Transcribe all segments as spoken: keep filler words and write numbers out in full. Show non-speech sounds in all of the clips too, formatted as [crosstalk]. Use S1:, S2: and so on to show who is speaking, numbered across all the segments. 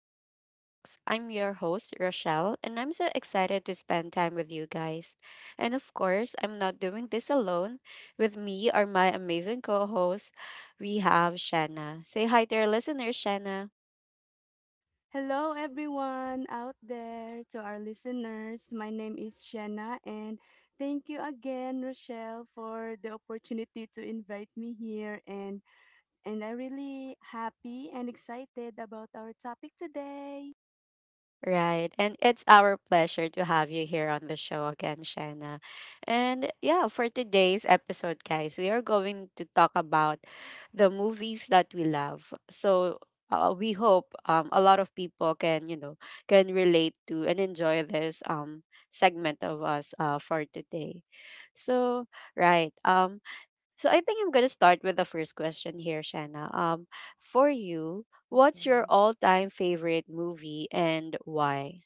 S1: to our talks. I'm your host, Rochelle, and I'm so excited to spend time with you guys. And of course, I'm not doing this alone. With me are my amazing co hosts. We have Shanna. Say hi to our listeners, Shanna.
S2: Hello, everyone out there, to our listeners. My name is Shanna, and thank you again, Rochelle, for the opportunity to invite me here. And and I'm really happy and excited about our topic today.
S1: Right. And it's our pleasure to have you here on the show again, Shanna. And yeah, for today's episode, guys, we are going to talk about the movies that we love. So uh, we hope um, a lot of people can, you know, can relate to and enjoy this um segment of us uh, for today. So, right. Um so I think I'm gonna start with the first question here, Shanna. Um, for you, what's your
S2: Okay.
S1: all-time favorite movie and why?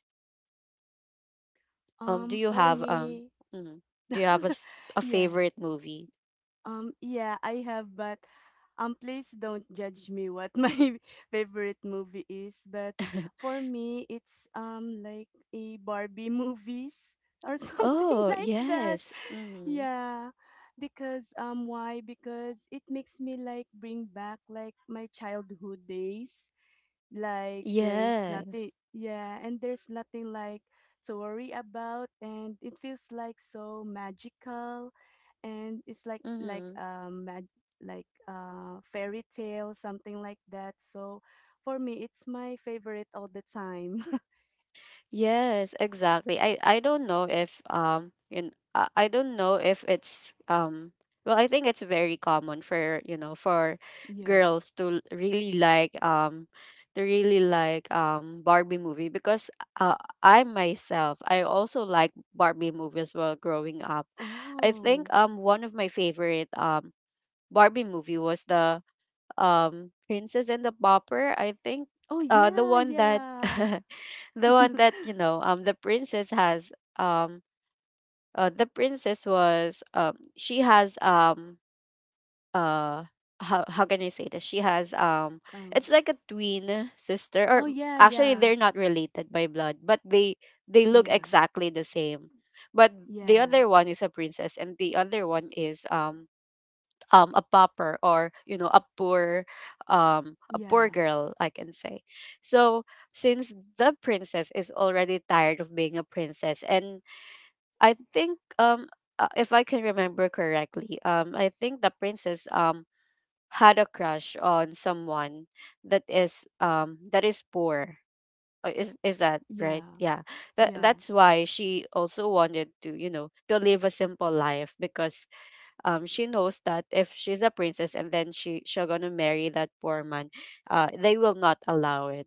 S1: Um, do
S2: Um,
S1: you
S2: for
S1: have um,
S2: me,
S1: mhm, do you have a
S2: [laughs]
S1: s- a
S2: yeah.
S1: favorite movie?
S2: Um, yeah, I have, but um, please don't judge me what [laughs] my favorite movie is. But
S1: [laughs]
S2: for me, it's um like a Barbie movies or [laughs] something
S1: Oh,
S2: like that.
S1: yes. Mm-hmm.
S2: Yeah, because um, why? Because it makes me like bring back like my childhood days. Like there's nothing,
S1: Yes.
S2: yeah, and there's nothing like to worry about, and it feels like so magical, and it's like, like
S1: Mm-hmm.
S2: um mag- like uh fairy tale something like that, so for me it's my favorite all the time.
S1: Yes, exactly. I I don't know if um in I I don't know if it's um well I think it's very common for you know for
S2: [laughs] Yeah.
S1: girls to l- really like um to really like um Barbie movie because uh I myself I also like Barbie movie as well growing up. I think
S2: Oh.
S1: um one of my favorite um Barbie movie was the um Princess and the Pauper, I think
S2: Oh,
S1: uh the
S2: yeah,
S1: one that
S2: yeah.
S1: [laughs] the one that you
S2: [gasps]
S1: know um the princess has um uh, the princess was um she has um uh how how can I say this? She has um
S2: Oh.
S1: it's like a twin sister,
S2: Oh,
S1: or
S2: Yeah,
S1: actually
S2: yeah.
S1: they're not related by blood, but they they look
S2: Yeah,
S1: exactly the same. But the
S2: yeah.
S1: other one is a princess and the other one is um um a pauper, or you know a poor um a
S2: Yeah,
S1: poor girl I can say. So since the princess is already tired of being a princess and I think um uh, if I can remember correctly, um I think the princess um had a crush on someone that is um that is poor. Uh, is is that right?
S2: yeah.
S1: Yeah, that
S2: Yeah,
S1: that's why she also wanted to, you know, to live a simple life because um, she knows that if she's a princess and then she she's gonna marry that poor man, uh, they will not allow it.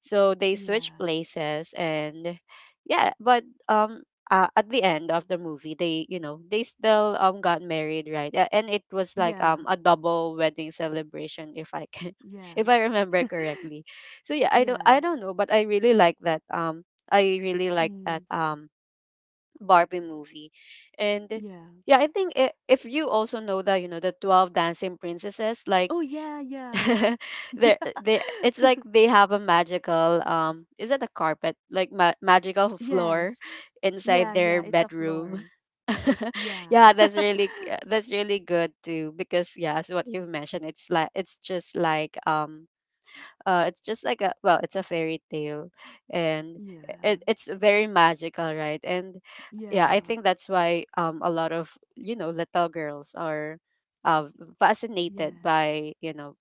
S1: So they switch
S2: yeah.
S1: places, and yeah, but um, uh, at the end of the movie, they, you know, they still um got married, right? A- And it was like
S2: Yeah,
S1: um a double wedding celebration, if I can,
S2: yeah.
S1: [laughs] if I remember
S2: [laughs]
S1: correctly. So yeah, I don't
S2: Yeah.
S1: I don't know, but I really like that um. I really like
S2: Mm,
S1: that um Barbie movie. And
S2: yeah.
S1: yeah, I think i- if you also know that, you know, the twelve dancing princesses, like
S2: Oh, yeah, yeah.
S1: [laughs] they they it's like they have a magical um is it a carpet? Like ma- magical
S2: [laughs]
S1: floor
S2: Yes,
S1: inside
S2: yeah, yeah.
S1: their
S2: It's a
S1: bedroom.
S2: floor.
S1: [laughs]
S2: Yeah.
S1: Yeah, that's
S2: [laughs]
S1: really g- that's really good too because yeah, as what you've mentioned, it's like it's just like um uh it's just like a, well, it's a fairy tale, and
S2: Yeah.
S1: it, it's very magical, right? And yeah, I
S2: Yeah.
S1: think that's why um a lot of, you know, little girls are uh fascinated
S2: Yes.
S1: by, you know,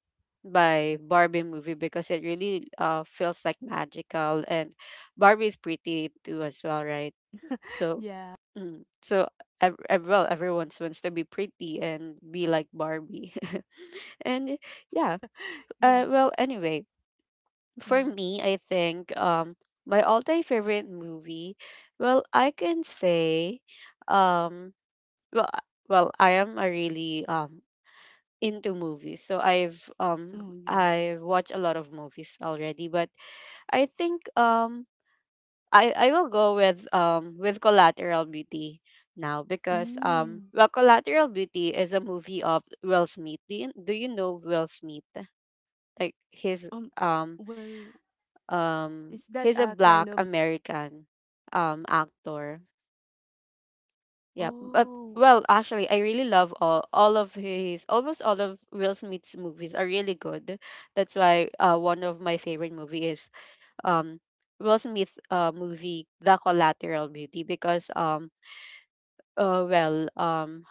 S1: by Barbie movie because it really uh feels like magical, and Barbie is pretty too as well, right?
S2: [laughs]
S1: so
S2: Yeah.
S1: mm, so ev- ev- well everyone wants to be pretty and be like Barbie. [laughs] And yeah, uh
S2: Yeah.
S1: well anyway, for
S2: Mm.
S1: me, I think um my all-time favorite movie, well, I can say um well I- well I am a really um into movies. So I've
S2: Oh,
S1: um
S2: yeah.
S1: I've watched a lot of movies already, but I think um I I will go with um with Collateral Beauty now because um
S2: Mm.
S1: well Collateral Beauty is a movie of Will Smith. Do you, do you know Will Smith? Like his
S2: Um,
S1: um
S2: well, is
S1: Um,
S2: that
S1: he's a
S2: a kind
S1: black
S2: of...
S1: American um actor. Yeah, but
S2: Oh.
S1: well, actually, I really love all all of his, almost all of Will Smith's movies are really good. That's why uh one of my favorite movie is um Will Smith uh movie The Collateral Beauty because um uh well um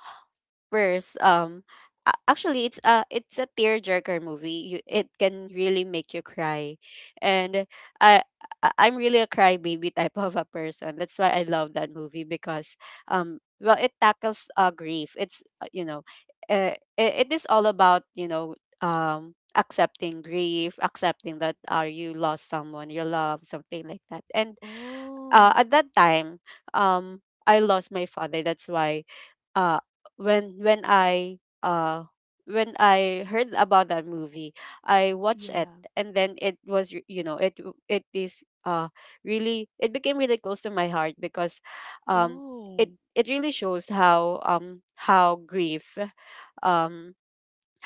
S1: First, um, a- actually, it's a it's a tearjerker movie. You, it can really make you cry, and I I- I'm really a crybaby type [laughs] of a person. That's why I love that movie because um, well, it tackles uh grief. It's uh, you know, uh, it, it is all about, you know, um accepting grief, accepting that uh, you lost someone you love, something like that. And
S2: Oh,
S1: uh, at that time, um, I lost my father. That's why uh when when I uh when I heard about that movie, I watched it,
S2: yeah.
S1: and then it was r- you know it w- it is uh really, it became really close to my heart because um
S2: Oh,
S1: it it really shows how um how grief um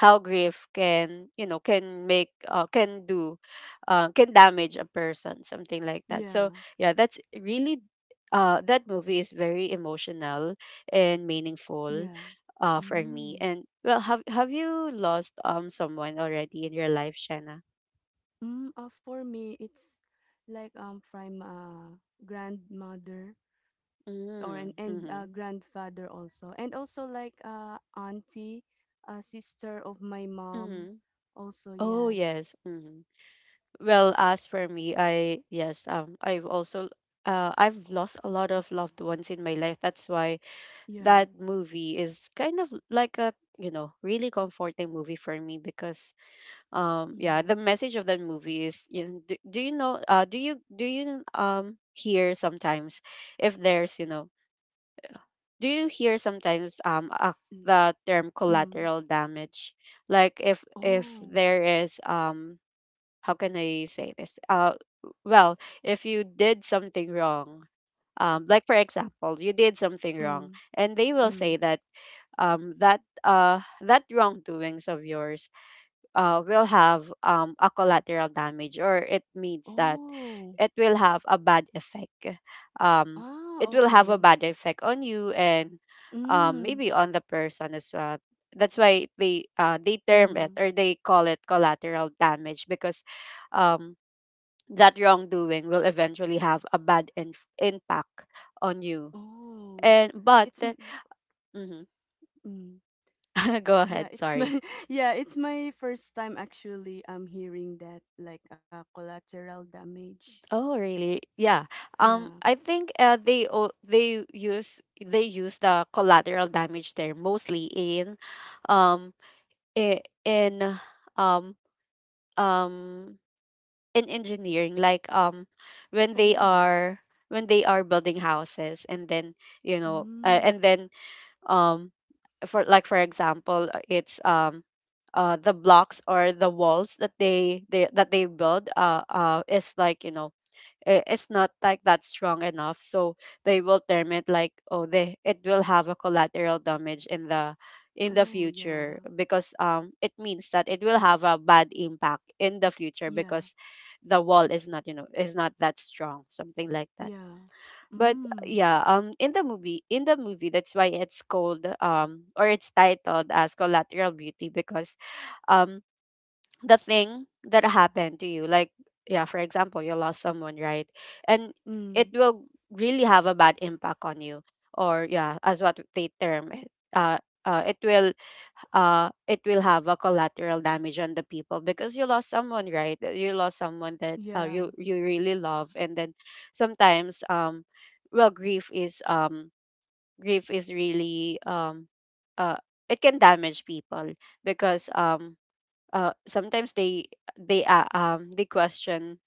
S1: how grief can, you know, can make uh, can do uh, can damage a person, something like that.
S2: yeah.
S1: So yeah, that's really uh, that movie is very emotional and meaningful
S2: Yeah.
S1: uh, for me.
S2: Mm.
S1: And well, have have you lost um someone already in your life, Shanna?
S2: Mm. Uh, for me, it's like um from uh grandmother, or and,
S1: Mm,
S2: and
S1: mm-hmm.
S2: uh, grandfather also, and also like uh auntie, uh sister of my mom,
S1: Mm-hmm.
S2: also.
S1: Oh
S2: Yes.
S1: yes, mm-hmm. Well as for me, I, yes, um I've also uh, I've lost a lot of loved ones in my life, that's why
S2: Yeah,
S1: that movie is kind of like a, you know, really comforting movie for me because um yeah,
S2: yeah.
S1: the message of that movie is, you know, do, do you know, uh do you do you um hear sometimes if there's, you know, do you hear sometimes um a,
S2: Mm.
S1: the term
S2: Mm.
S1: collateral damage? Like if if
S2: Oh.
S1: there is um how can I say this, uh well if you did something wrong, um like for example, you did something wrong,
S2: Mm.
S1: and they will say
S2: Mm.
S1: that um, that uh, that wrongdoings of yours uh, will have um, a collateral damage, or it means that
S2: Oh.
S1: it will have a bad effect, um,
S2: Ah,
S1: it will have a
S2: okay.
S1: bad effect on you, and um,
S2: Mm.
S1: maybe on the person as well. That's why they uh, they term it
S2: Mm.
S1: or they call it collateral damage because um, that wrongdoing will eventually have a bad inf- impact on you.
S2: Oh.
S1: And but
S2: it's m-
S1: mhm.
S2: mm.
S1: [laughs] Go
S2: Yeah,
S1: ahead,
S2: it's my
S1: sorry.
S2: [laughs] yeah, it's my first time actually I'm hearing that, like, uh, collateral damage.
S1: Oh, really? Yeah. Um,
S2: Yeah.
S1: I think uh, they o- they use, they use the collateral damage there mostly in, um, i- in um um in engineering, like um when they
S2: Oh.
S1: are, when they are building houses, and then, you know, uh,
S2: Mm.
S1: and then um for, like for example, uh, it's um. Uh, the blocks or the walls that they, they that they build, uh, uh is like, you know, I- it's not like that strong enough, so they will term it like, oh, they it will have a collateral damage in the in the
S2: Oh,
S1: future
S2: yeah.
S1: because um it means that it will have a bad impact in the future
S2: Yeah.
S1: because the wall is not, you know, is not that strong, something like that.
S2: Yeah.
S1: But uh,
S2: Mm.
S1: yeah, um in the movie, in the movie, that's why it's called um or it's titled as Collateral Beauty because um the thing that happened to you, like, yeah, for example, you lost someone, right, and it
S2: Mm.
S1: will really have a bad impact on you, or yeah, as what they term it, uh, uh it will uh it will have a collateral damage on the people because you lost someone, right? Uh, you lost someone that uh,
S2: Yeah.
S1: you, you really love, and then sometimes um well grief is um grief is really um uh it can damage people because um uh, sometimes they they uh, um they question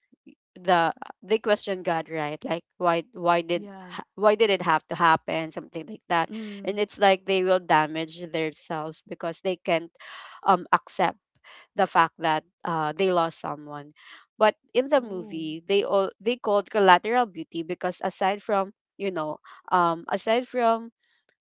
S1: the, they question God, right? Like why why did
S2: Yeah.
S1: ha- why did it have to happen? Something like that, and
S2: Mm.
S1: it's like they will damage themselves because they can't um accept the fact that uh they lost someone. But in the
S2: Oh.
S1: movie, they all they called Collateral Beauty because aside from, you know, um aside from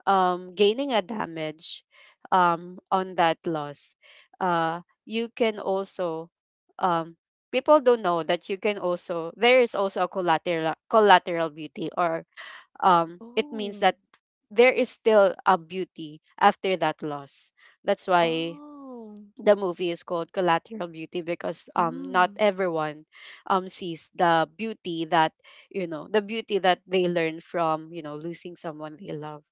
S1: um, gaining a damage um, on that loss, uh, you can also um, people don't know that you can also, there is also a collateral collateral beauty, or um, it means
S2: Oh.
S1: that there is still a beauty after that loss. That's why
S2: Oh.
S1: the movie is called collateral beauty because um not
S2: Mm.
S1: everyone um sees the beauty that, you know the beauty that they learn from, you know losing someone they love,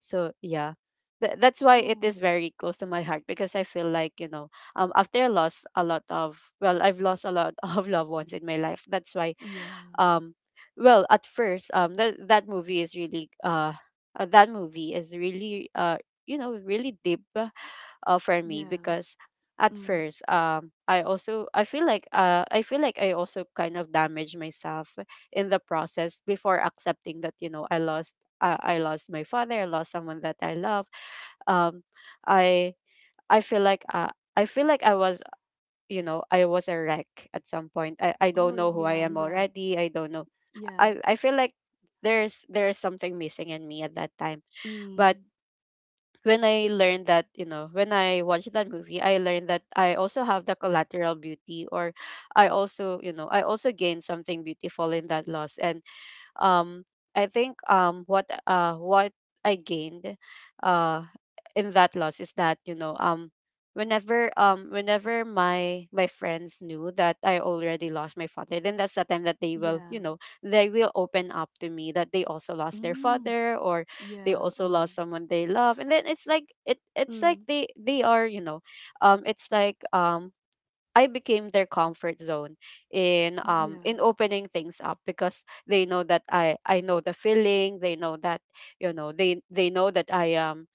S1: so yeah. Th- that's why it
S2: Oh.
S1: is very close to my heart, because I feel like, you know um after I lost a lot of, well, I've lost a lot [laughs] of loved ones in my life. That's why,
S2: Yeah.
S1: um well, at first, um that that movie is really uh uh, that movie is really, uh you know really deep, uh, for me,
S2: Yeah.
S1: because at
S2: Mm.
S1: first, um I also, i feel like uh I feel like I also kind of damaged myself in the process before accepting that, you know I lost, uh, I lost my father, I lost someone that I love. um i I feel like, uh, I feel like I was, you know I was a wreck at some point. I i don't
S2: Oh,
S1: know who I
S2: yeah.
S1: am
S2: Yeah.
S1: already. I don't know.
S2: Yeah.
S1: I I feel like there's there's something missing in me at that time. But
S2: Mm.
S1: when I learned that, you know, when I watched that movie, I learned that I also have the collateral beauty, or I also, you know, I also gained something beautiful in that loss. And um I think, um what uh what I gained, uh in that loss is that, you know um whenever, um whenever my my friends knew that I already lost my father, then that's the time that they will,
S2: Yeah.
S1: you know they will open up to me that they also lost their
S2: Mm.
S1: father, or they
S2: Yeah.
S1: also
S2: Oh.
S1: lost someone they love. And then it's like, it it's like
S2: Mm.
S1: they they are, you know um it's like, um I became their comfort zone in,
S2: Yeah.
S1: um in opening things up, because they know that I I know the feeling. They know that, you know, they they know that I, um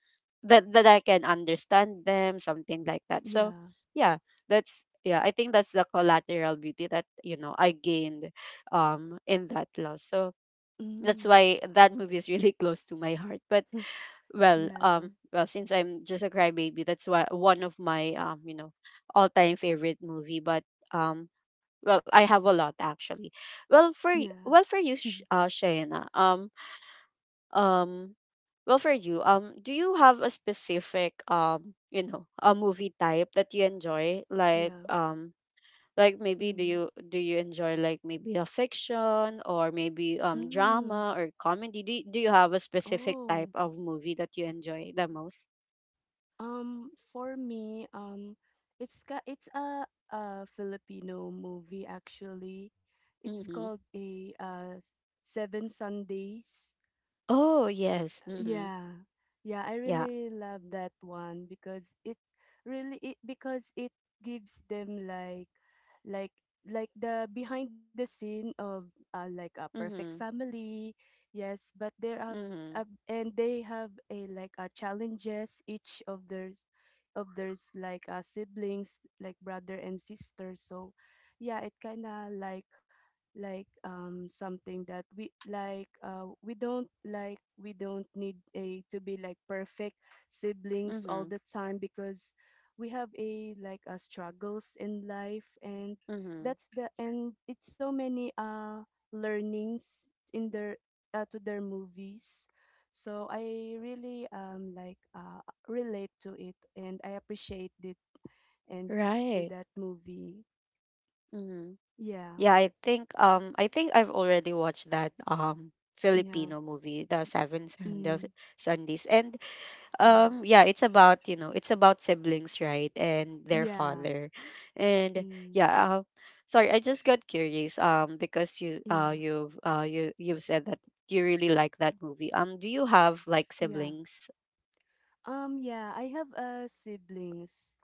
S1: that that I can understand them, something like that. So
S2: Yeah.
S1: yeah, that's, yeah, I think that's the collateral beauty that, you know, I gained, um in that loss. So that's
S2: Mm.
S1: why that movie is really [laughs] close to my heart. But,
S2: [laughs]
S1: well,
S2: Yeah.
S1: um well, since I'm just a crybaby, that's why, one of my, um you know all-time favorite movie. But, um well, I have a lot actually. Well, for y-
S2: Yeah.
S1: well, for you,
S2: [laughs]
S1: Sh- uh Shayna, um um well, for you, um do you have a specific, um you know a movie type that you enjoy? Like,
S2: Yeah.
S1: um like maybe, do
S2: Mm.
S1: you, do you enjoy, like maybe a fiction, or maybe, um
S2: Mm.
S1: drama or comedy? Do, y- do you have a specific type
S2: Oh.
S1: of movie that you enjoy the most?
S2: Um, for me, um, it's ka it's a, a Filipino movie actually. It's
S1: Mm-hmm.
S2: called a uh, Seven Sundays.
S1: Oh, yes. Mm-hmm.
S2: Yeah. Yeah, I
S1: Yeah.
S2: really love that one because it really it because it gives them, like, like like the behind the scene of, uh, like, a perfect
S1: Mm-hmm.
S2: family. Yes, but there are,
S1: Mm-hmm.
S2: uh, and they have, a like, a challenges, each of theirs of theirs, like, uh, siblings, like brother and sister. So yeah, it kind of like, like um something that we, like, uh we don't like we don't need a, to be like perfect siblings all
S1: Mm-hmm.
S2: the time, because we have, a like, uh, struggles in life, and
S1: Mm-hmm.
S2: that's the and it's so many uh learnings in their, uh, to their movies. So I really um like, uh relate to it, and I appreciate it, and to
S1: Right.
S2: that movie.
S1: Mm-hmm.
S2: Yeah.
S1: Yeah, I think, um I think I've already watched that, um
S2: Yeah.
S1: Filipino movie, The Seven Sandals
S2: Mm,
S1: Sundays. And,
S2: yeah.
S1: um yeah, it's about, you know, it's about siblings, right? And their
S2: Yeah.
S1: father. And
S2: Mm,
S1: yeah, uh, sorry, I just got curious, um because you,
S2: yeah.
S1: uh you've uh you you've said that you really like that movie. Um do you have like
S2: Yeah.
S1: siblings?
S2: Um yeah, I have uh siblings,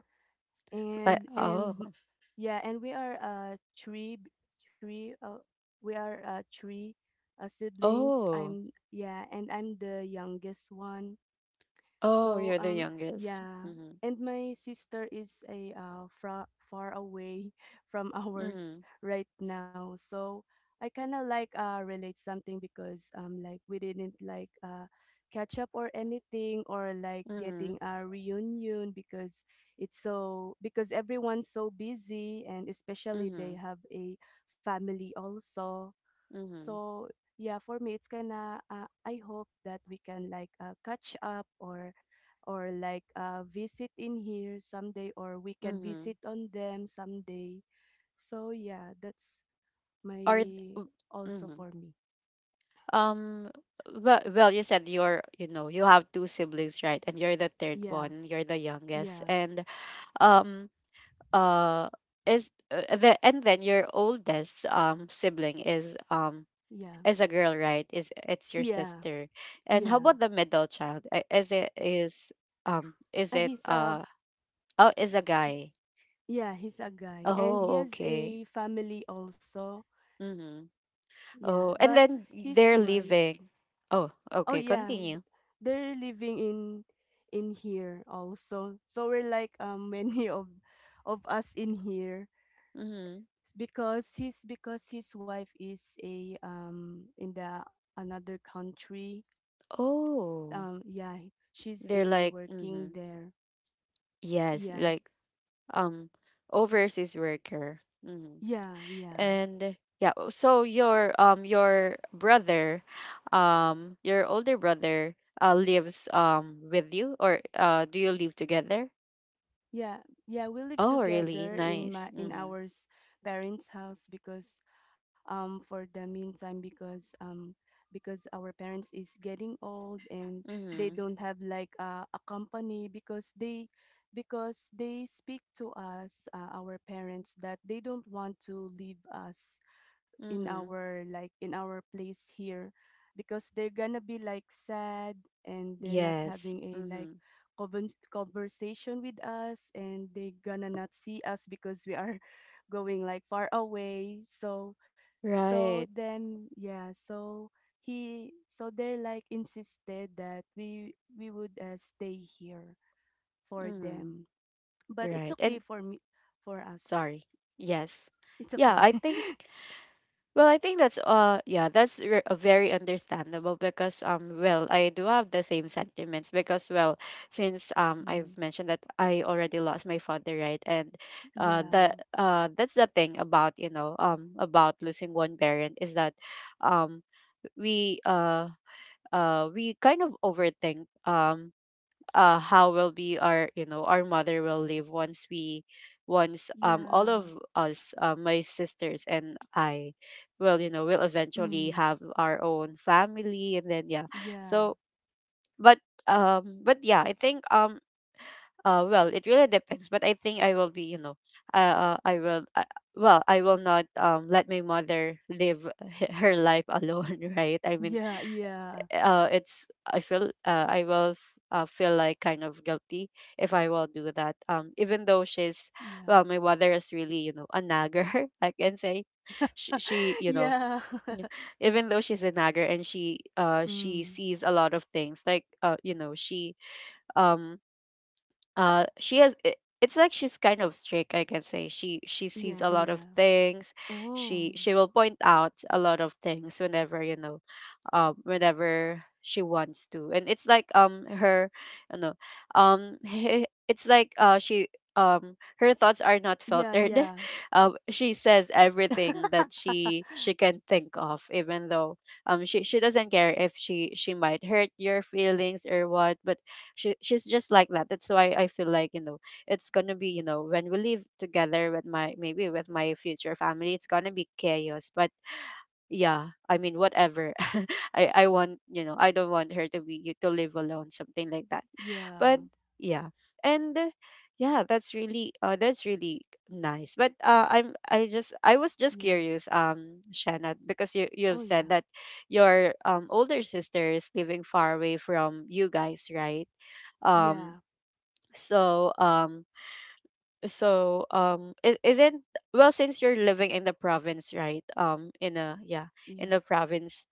S1: Like,
S2: and
S1: oh.
S2: and m- yeah, and we are uh three b- three uh, we are uh three uh siblings.
S1: Oh.
S2: I'm Yeah, and I'm the youngest one.
S1: Oh,
S2: So
S1: you're the
S2: um
S1: youngest.
S2: yeah,
S1: Mhm.
S2: and my sister is a uh, fra- far away [laughs] from ours
S1: Mhm.
S2: right now. So I kind of like, uh relate something, because, um like, we didn't, like, uh catch up or anything, or like getting
S1: Mhm.
S2: a reunion, because it's so, because everyone's so busy, and especially they
S1: Mhm.
S2: have a family also.
S1: Mhm.
S2: So yeah, for me, it's kind of, uh, I hope that we can, like, uh, catch up, or or like, uh, visit in here someday, or we can
S1: Mhm.
S2: visit on them someday. So yeah, that's
S1: Or
S2: my,
S1: w,
S2: also for
S1: mhm.
S2: me.
S1: Um, well, well, you said you're, you know, you have two siblings, right? And you're the third
S2: Yeah,
S1: one. You're the youngest.
S2: yeah,
S1: And, um uh is, uh, the, and then your oldest, um sibling is, um
S2: yeah,
S1: is a girl, right? Is It's your
S2: yeah,
S1: sister. And how
S2: yeah.
S1: about the middle child? I- Is it is um is
S2: Uh,
S1: it,
S2: he's a
S1: uh Oh, is a guy.
S2: Yeah, he's a guy and he
S1: Oh,
S2: has
S1: okay.
S2: a family also.
S1: Mm-hmm.
S2: Yeah,
S1: Oh, and
S2: but
S1: then
S2: his
S1: they're
S2: wife
S1: leaving. Oh,
S2: Oh
S1: okay.
S2: yeah, th-
S1: Continue.
S2: they're living in in here also. So we're like um [laughs] many of of us in here,
S1: Mm-hmm.
S2: because his because his wife is a um in the another country.
S1: Oh,
S2: Um yeah, she's
S1: they're
S2: a
S1: like,
S2: working
S1: mm-hmm.
S2: there.
S1: Yes,
S2: Yeah.
S1: like, um, overseas worker. Mm-hmm.
S2: Yeah, yeah.
S1: And yeah, oh, so your, um your brother, um your older brother, uh lives, um with you, or, uh do you live together?
S2: Yeah, yeah, we live
S1: Oh, really?
S2: together in my
S1: Nice.
S2: in
S1: Mm-hmm.
S2: our s- parents' house, because, um for the meantime, because um because our parents is getting old, and they
S1: Mm-hmm.
S2: don't have like, uh, a company, because they because they speak to us, uh, our parents, that they don't want to leave us in
S1: Mm-hmm.
S2: our, like, in our place here, because they're gonna be like sad, and they're not
S1: Yes.
S2: having, a like
S1: Mm-hmm.
S2: convers- conversation with us, and they gonna not see us because we are [laughs] going like far away, so so
S1: Right.
S2: then yeah so he so they're like insisted that we we would, uh, stay here for
S1: Mm.
S2: them. But it's
S1: Right. And
S2: okay for me, for us.
S1: sorry. Yes.
S2: It's
S1: Yeah,
S2: okay.
S1: I
S2: [laughs]
S1: think, well, I think that's, uh yeah, that's re- uh, very understandable, because, um well, I do have the same sentiments, because, well, since, um
S2: Mm,
S1: I've mentioned that I already lost my father, right? And, uh
S2: yeah.
S1: the, uh that's the thing about, you know, um about losing one parent, is that, um we uh uh we kind of overthink, um uh how will be our, you know, our mother will live once we, once, um all
S2: Yeah.
S1: of us, uh, my sisters and I, will, you know, will eventually
S2: Mm.
S1: have our own family. And then yeah,
S2: Yeah.
S1: so but, um but yeah, I think, um uh well, it really depends, but I think I will be, you know, uh, uh I will, uh, well, I will not, um let my mother live [laughs] her life alone, [laughs] right? I mean,
S2: Yeah, yeah.
S1: uh, it's, I feel, uh, I will, f- uh, feel like kind of guilty if I will do that. Um, even though she's,
S2: Yeah.
S1: well, my mother is really, you know, a nagger. [laughs] I can say, she,
S2: [laughs]
S1: she you know,
S2: Yeah.
S1: n-,
S2: [laughs]
S1: even though she's a nagger, and she, uh she
S2: Mm.
S1: sees a lot of things, like, uh you know, she, um uh she has, i- it's like she's kind of strict, I can say. she she sees
S2: Yeah,
S1: a lot of
S2: yeah.
S1: things.
S2: Oh.
S1: she she will point out a lot of things whenever, you know, um whenever she wants to. And it's like, um her, you know, um [laughs] it's like, uh she, um her thoughts are not
S2: Yeah,
S1: filtered. [laughs]
S2: yeah.
S1: Um she says everything that she
S2: [laughs]
S1: she can think of, even though, um she she doesn't care if she, she might hurt your feelings or what. But she, she's just like that. That's why I feel like, you know, it's gonna be, you know, when we live together with my, maybe with my future family, it's gonna be chaos. But yeah, I mean, whatever. [laughs] i I want, you know, I don't want her to be, to live alone, something like that.
S2: Yeah.
S1: But yeah. And, uh, yeah, that's really, uh that's really nice. But, uh I'm, I just, I was just
S2: Yeah.
S1: curious, um Shannon, because you,
S2: Oh,
S1: you've
S2: yeah.
S1: said that your, um older sister is living far away from you guys, right?
S2: Yeah.
S1: um so, um so, um is, isn't, well, since you're living in the province, right? Um in a, yeah, in
S2: Yeah.
S1: the province,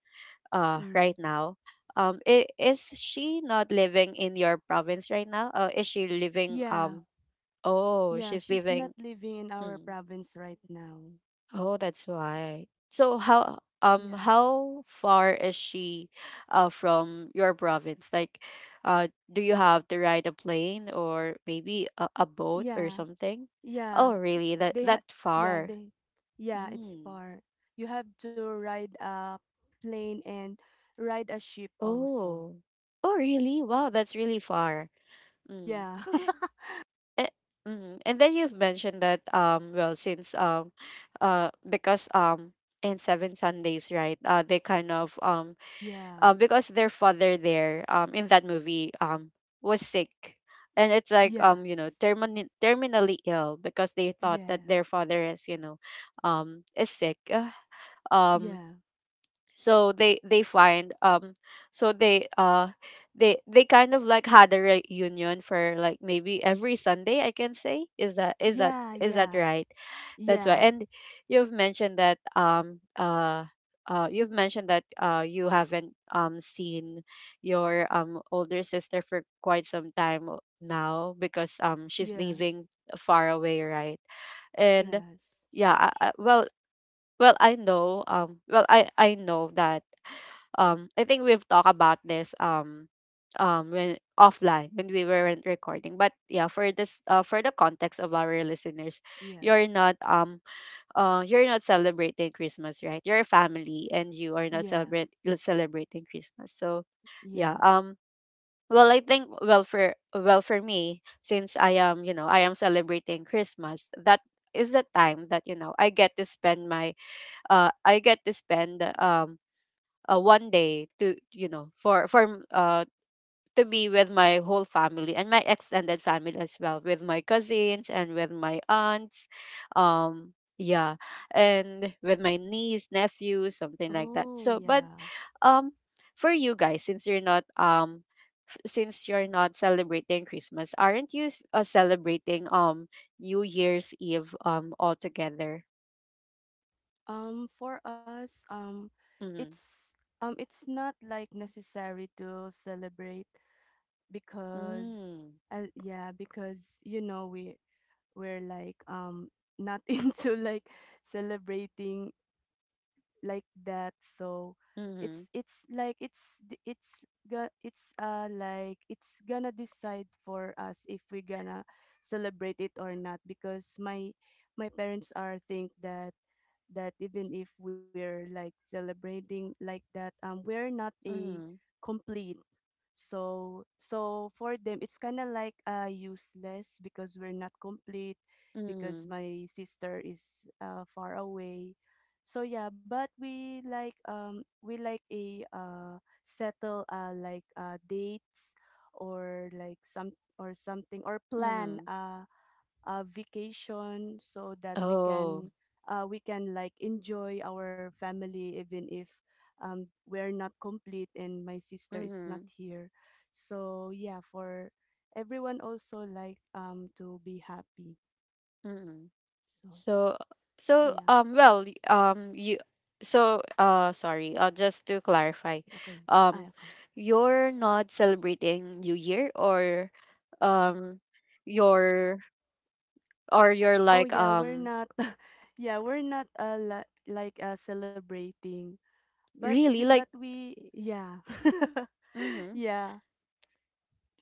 S1: uh right
S2: Mm.
S1: now, um i- is she not living in your province right now? Uh, is she living,
S2: Yeah.
S1: um oh,
S2: Yeah,
S1: she's
S2: she's
S1: living,
S2: not living in our
S1: mm.
S2: province right now.
S1: Oh, that's why. So how, um
S2: Yeah.
S1: how far is she, uh from your province? Like, uh do you have to ride a plane, or maybe a, a boat, or
S2: Yeah.
S1: something? Oh,
S2: Yeah,
S1: really? That,
S2: they had.
S1: that
S2: Yeah,
S1: far.
S2: they. Yeah, it's
S1: Mm.
S2: far. You have to ride a plane and ride a ship also.
S1: Oh. Oh, really? Wow, that's really far. Mm.
S2: Yeah.
S1: And, mm. And then you've mentioned that, um well, since, um uh because, um in seven Sundays, right? Uh they kind of, um
S2: [laughs] Yeah.
S1: uh, because their father there, um in that movie, um was sick, and it's like, um you know,
S2: Yes.
S1: termini- terminally ill, because they thought
S2: Yeah.
S1: that their father is, you know, um is sick. [sighs] Uh, um
S2: Yeah.
S1: so they they find, um so they, uh they they kind of like had a reunion for like maybe every Sunday, I can say. Is that, is that,
S2: Yeah.
S1: is that
S2: Yeah.
S1: right? That's why.
S2: Yeah.
S1: And you've mentioned that, um uh uh you've mentioned that, uh you haven't, um seen your, um older sister for quite some time, o- now, because, um she's
S2: Yeah.
S1: living far away, right? And
S2: Yes.
S1: yeah, I, I, well, well, I know, um well, I I know that, um I think we've talked about this, um um when offline, when we weren't recording, but yeah, for this, uh for the context of our listeners,
S2: Yeah.
S1: you're not, um uh, you're not celebrating Christmas, right? You're a family, and you are not
S2: Yeah.
S1: celebrate celebrating Christmas. So, yeah.
S2: Yeah.
S1: Um. Well, I think, well, for, well, for me, since I am, you know, I am celebrating Christmas, that is the time that, you know, I get to spend my, uh I get to spend, um uh, one day to, you know, for for m- uh to be with my whole family, and my extended family as well, with my cousins, and with my aunts, um yeah, and with my niece, nephews, something like that.
S2: Oh,
S1: So but,
S2: yeah.
S1: um for you guys, since you're not, um f- since you're not celebrating Christmas, aren't you, s- uh, celebrating, um New Year's Eve, um all together?
S2: Um, for us, um,
S1: Mm-hmm.
S2: it's um, it's not, like, necessary to celebrate, because,
S1: Mm.
S2: uh, yeah, because you know we we're like, um not [laughs] into, like, celebrating like that, so it's
S1: Mm-hmm.
S2: it's like it's d- it's go- it's uh like it's gonna decide for us if we're gonna celebrate it or not, because my my parents are think that, that even if we're like celebrating like that, um we're not a
S1: Mm-hmm.
S2: complete, so so for them it's kind of like uh useless, because we're not complete, because
S1: Mm-hmm.
S2: my sister is, uh, far away. So yeah, but we like, um we like a, uh settle, uh like, uh dates, or like some, or something, or plan,
S1: Mm-hmm.
S2: uh a vacation, so that we
S1: Oh.
S2: can, uh we can like, enjoy our family, even if, um we're not complete, and my sister is not
S1: Mm-hmm.
S2: here. So yeah, for everyone also, like, um to be happy.
S1: Mm-hmm.
S2: So
S1: So, so,
S2: yeah.
S1: um well, y- um you, so, uh sorry, uh just to clarify,
S2: It's okay. Ah,
S1: um
S2: okay.
S1: you're not celebrating New Year, or, um your, or you're
S2: Oh
S1: like,
S2: yeah, we're
S1: um
S2: not. [laughs] Yeah, we're not, uh li like, uh celebrating. But we
S1: really
S2: but
S1: like,
S2: we Yeah. [laughs]
S1: mm-hmm,
S2: Yeah,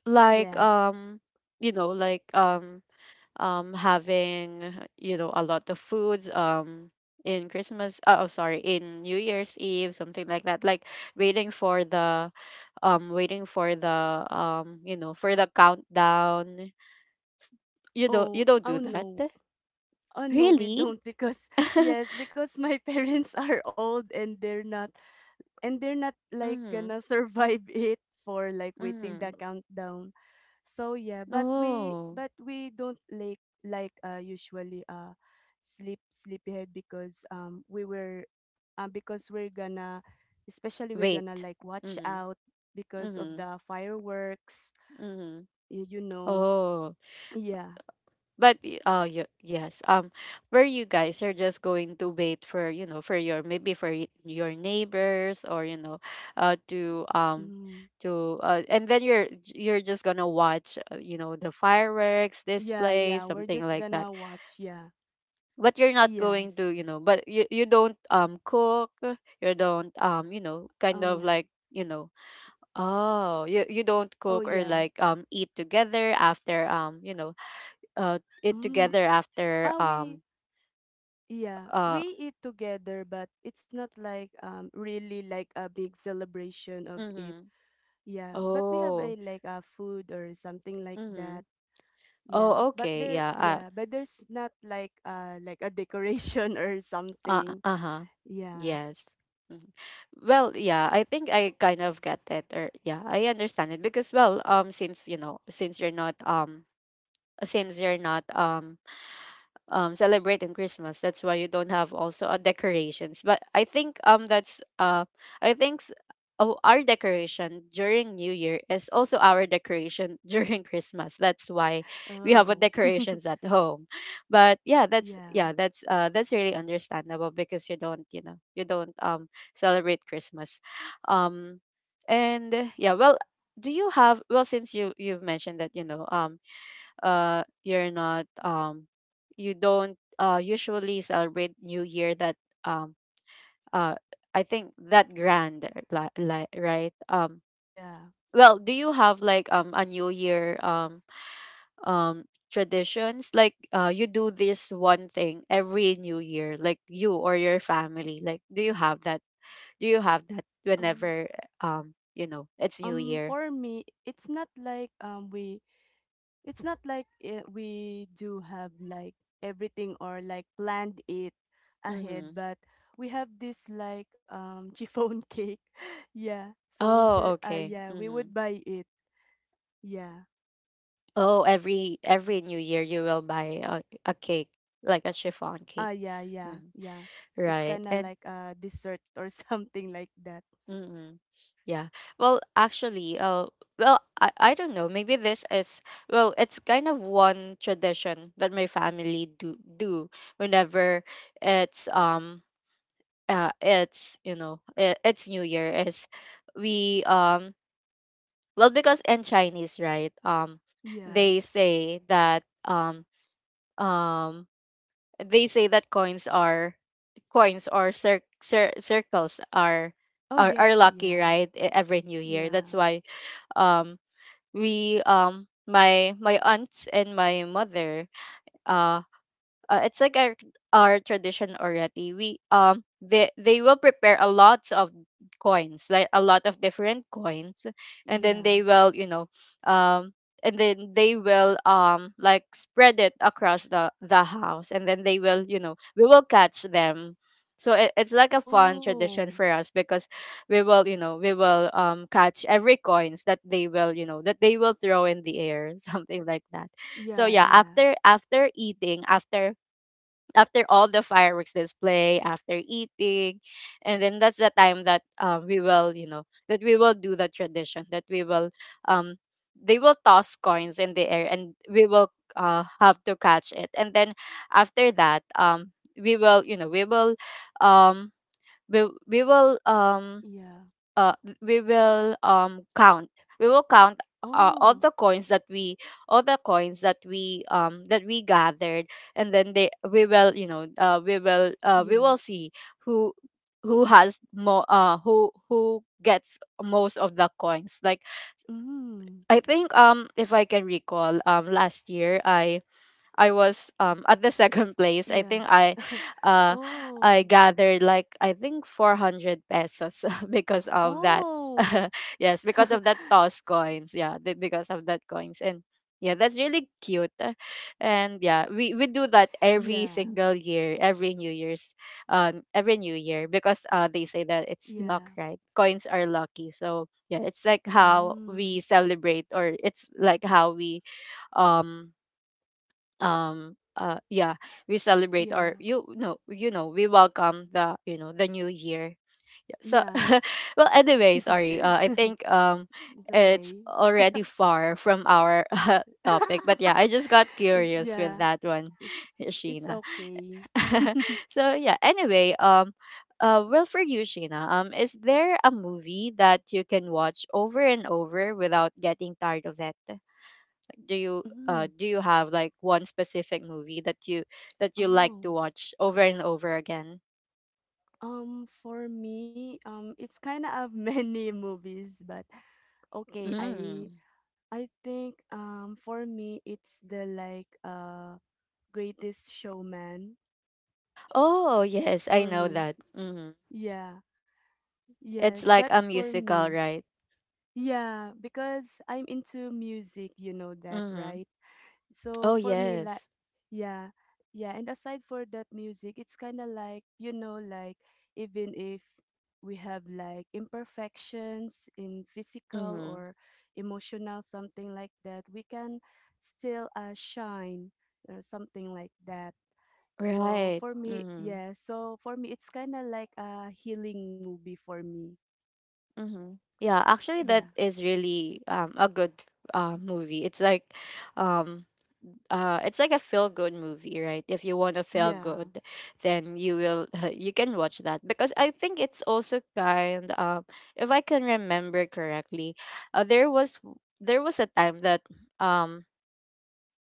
S1: like,
S2: yes.
S1: um you know, like, um um having, you know, a lot of foods, um in Christmas, uh, oh sorry, in New Year's Eve, something like that, like waiting for the, um waiting for the, um you know, for the countdown. S- you don't, you
S2: Oh,
S1: don't do
S2: oh
S1: that,
S2: no. Oh no, we
S1: really?
S2: don't, because
S1: [laughs]
S2: yes, because my [laughs] parents are old, and they're not and they're not like
S1: Mm-hmm.
S2: gonna survive [laughs] it, for like waiting the
S1: Mm-hmm.
S2: countdown. So yeah, but we
S1: Oh.
S2: but we don't like, like uh usually, uh sleep sleepyhead, because, um we were um because we're gonna, especially we're gonna
S1: Wait.
S2: like watch
S1: Mm-hmm.
S2: out, because of
S1: Mm-hmm.
S2: the fireworks.
S1: Mm-hmm.
S2: y- you know
S1: Oh.
S2: [tsk] yeah.
S1: But, y- uh y- yes, um where you guys are just going to wait for, you know, for your, maybe for, y- your neighbors, or, you know, uh to, um
S2: Mm.
S1: to, uh, and then you're you're just going to watch, uh, you know, the fireworks
S2: Yeah,
S1: display,
S2: yeah, we're
S1: something
S2: just
S1: like that.
S2: gonna watch. Yeah.
S1: But you're not going to,
S2: Yes.
S1: you know, but you you don't, um cook, you don't, um, you know, kind
S2: Um
S1: of
S2: yeah.
S1: like, you know, oh, you you don't
S2: Oh,
S1: cook, or
S2: yeah.
S1: like, um eat together after, um, you know, uh eat
S2: Mm.
S1: together after,
S2: ah we
S1: um
S2: Yeah,
S1: Uh,
S2: we eat together, but it's not like, um really like a big celebration of it.
S1: Mhm.
S2: Yeah, but we have
S1: Oh.
S2: a like a food or something like that.
S1: Mhm.
S2: Yeah,
S1: Oh,
S2: but
S1: okay.
S2: there,
S1: Yeah. Uh,
S2: yeah, but there's not like, uh like, a decoration [laughs] or
S1: uh,
S2: something.
S1: uh-huh.
S2: Yeah.
S1: Yes. Mhm. Well, yeah, I think I kind of get it, or yeah, I understand it because well, um since you know, since you're not um since you're not um um celebrating Christmas. That's why you don't have also a decorations. But I think um that's uh I think s- oh, our decoration during New Year is also our decoration [laughs] during Christmas. That's why we have a
S2: Oh.
S1: decorations
S2: [laughs]
S1: at home. But yeah, that's
S2: Yeah.
S1: yeah, that's uh that's really understandable because you don't, you know, you don't um celebrate Christmas. Um and uh, yeah, well, do you have well since you you've mentioned that, you know, um uh you're not um you don't uh usually celebrate new year, that um uh I think that grand like like right um
S2: Yeah.
S1: well, do you have like um a new year um um traditions, like uh you do this one thing every new year, like you or your family, like do you have that, do you have that
S2: Um.
S1: whenever um you know, it's new
S2: Um.
S1: year.
S2: For me, it's not like, um we. It's not like, uh, we do have like everything or like planned it ahead,
S1: Mm-hmm.
S2: but we have this like um [laughs] chiffon cake. [laughs] Yeah. So we
S1: Oh,
S2: should. Uh.
S1: okay.
S2: Yeah. We
S1: Mm-hmm.
S2: would buy it. Yeah.
S1: Oh, every every New Year you will buy a, a cake, like a chiffon
S2: Ah,
S1: cake.
S2: yeah, yeah,
S1: Mm,
S2: yeah. It's
S1: right.
S2: kind of
S1: And
S2: like a dessert or [laughs] something like that.
S1: mm, yeah. Well, actually, uh, well, I, I don't know. Maybe this is, well, it's kind of one tradition that my family do do whenever it's um uh it's you know it, it's New Year is, we um well, because in Chinese, right? um
S2: Yeah.
S1: they say that um um they say that coins are, coins or cir- cir- circles are,
S2: Oh,
S1: are are
S2: yeah,
S1: lucky,
S2: yeah,
S1: right? E- every new year, that's
S2: yeah,
S1: why um we um my my aunts and my mother, uh, uh, it's like our our tradition already. We um they they will prepare a lot of coins, like a lot of different coins, and then
S2: yeah.
S1: they will you know um and then they will um like spread it across the the house, and then they will you know we will catch them. So it, it's like a fun tradition
S2: Oh,
S1: for us because we will you know we will um catch every coins that they will you know that they will throw in the air [laughs] something like that. So
S2: yeah,
S1: yeah,
S2: yeah,
S1: after after eating, after after all the fireworks display, after eating, and then that's the time that, um, we will you know that we will do the tradition, that we will, um they will toss coins in the air and we will, uh, have to catch it, and then after that, um we will you know we will um we, we will, um
S2: yeah.
S1: uh we will um count, we will count uh, all
S2: Oh,
S1: the coins that we, all the coins that we um that we gathered, and then they we will you know uh we will, uh we
S2: yeah.
S1: will see who who has more, uh who who gets most of the coins. Like,
S2: Mm,
S1: I think, um if I can recall, um last year, i I was um at the [laughs] second place. I
S2: yeah.
S1: think I
S2: [laughs]
S1: uh I
S2: Oh,
S1: gathered like, I think, four hundred pesos [laughs] because of that.
S2: oh.
S1: [laughs] Yes, because
S2: [laughs]
S1: of that toss coins. Yeah, the- because of that coins. And yeah, that's really cute. Uh, And yeah, we we do that every
S2: Yeah,
S1: single year, every New Year's, um every New Year, because uh they say that it's
S2: yeah.
S1: luck, right? Coins are lucky. So yeah, it's like how
S2: Mm,
S1: we celebrate, or it's like how we, um um uh yeah, we celebrate,
S2: yeah,
S1: or you know you know, we welcome the, you know the new year. Yeah, so
S2: yeah.
S1: [laughs] well anyway, sorry, uh, I
S2: [laughs]
S1: think um
S2: It's
S1: it's
S2: okay.
S1: already far from our [laughs] uh, topic, but yeah,
S2: [laughs]
S1: I just got
S2: It,
S1: curious with
S2: yeah,
S1: that one
S2: it,
S1: [laughs]
S2: it's
S1: Sheena.
S2: okay.
S1: [laughs] So yeah, anyway, um uh well, for you, Sheena, um is there a movie that you can watch over and over without getting tired of it? Do you uh
S2: Mm.
S1: do you have like one specific movie that you, that you like
S2: Oh.
S1: to watch over and over again?
S2: Um, for me, um, it's kind of [laughs] many movies, but okay, I
S1: Mm.
S2: I think, um for me it's the like uh Greatest Showman
S1: Oh, yes, I
S2: for
S1: know
S2: me.
S1: that. Mm-hmm.
S2: Yeah,
S1: It's
S2: yes,
S1: like a
S2: that's for
S1: musical,
S2: me.
S1: right?
S2: Yeah, because I'm into music, you know that,
S1: Mm-hmm.
S2: right? So
S1: Oh,
S2: for me, like,
S1: yes.
S2: yeah, yeah. And aside for that music, it's kind of like, you know like, even if we have like imperfections in physical
S1: Mm-hmm.
S2: or emotional, something like that, we can still, uh, shine or something like that. So
S1: Right.
S2: for me,
S1: Mm-hmm.
S2: yeah, so for me, it's kind of like a healing movie for me.
S1: Mm-hmm. Yeah, actually,
S2: Yeah.
S1: that is really um a good uh movie. It's like, um, uh, it's like a feel good movie, right? If you want to feel
S2: Yeah.
S1: good, then you will [laughs] you can watch that, because I think it's also kind. Um, if I can remember correctly, uh, there was w- there was a time that, um,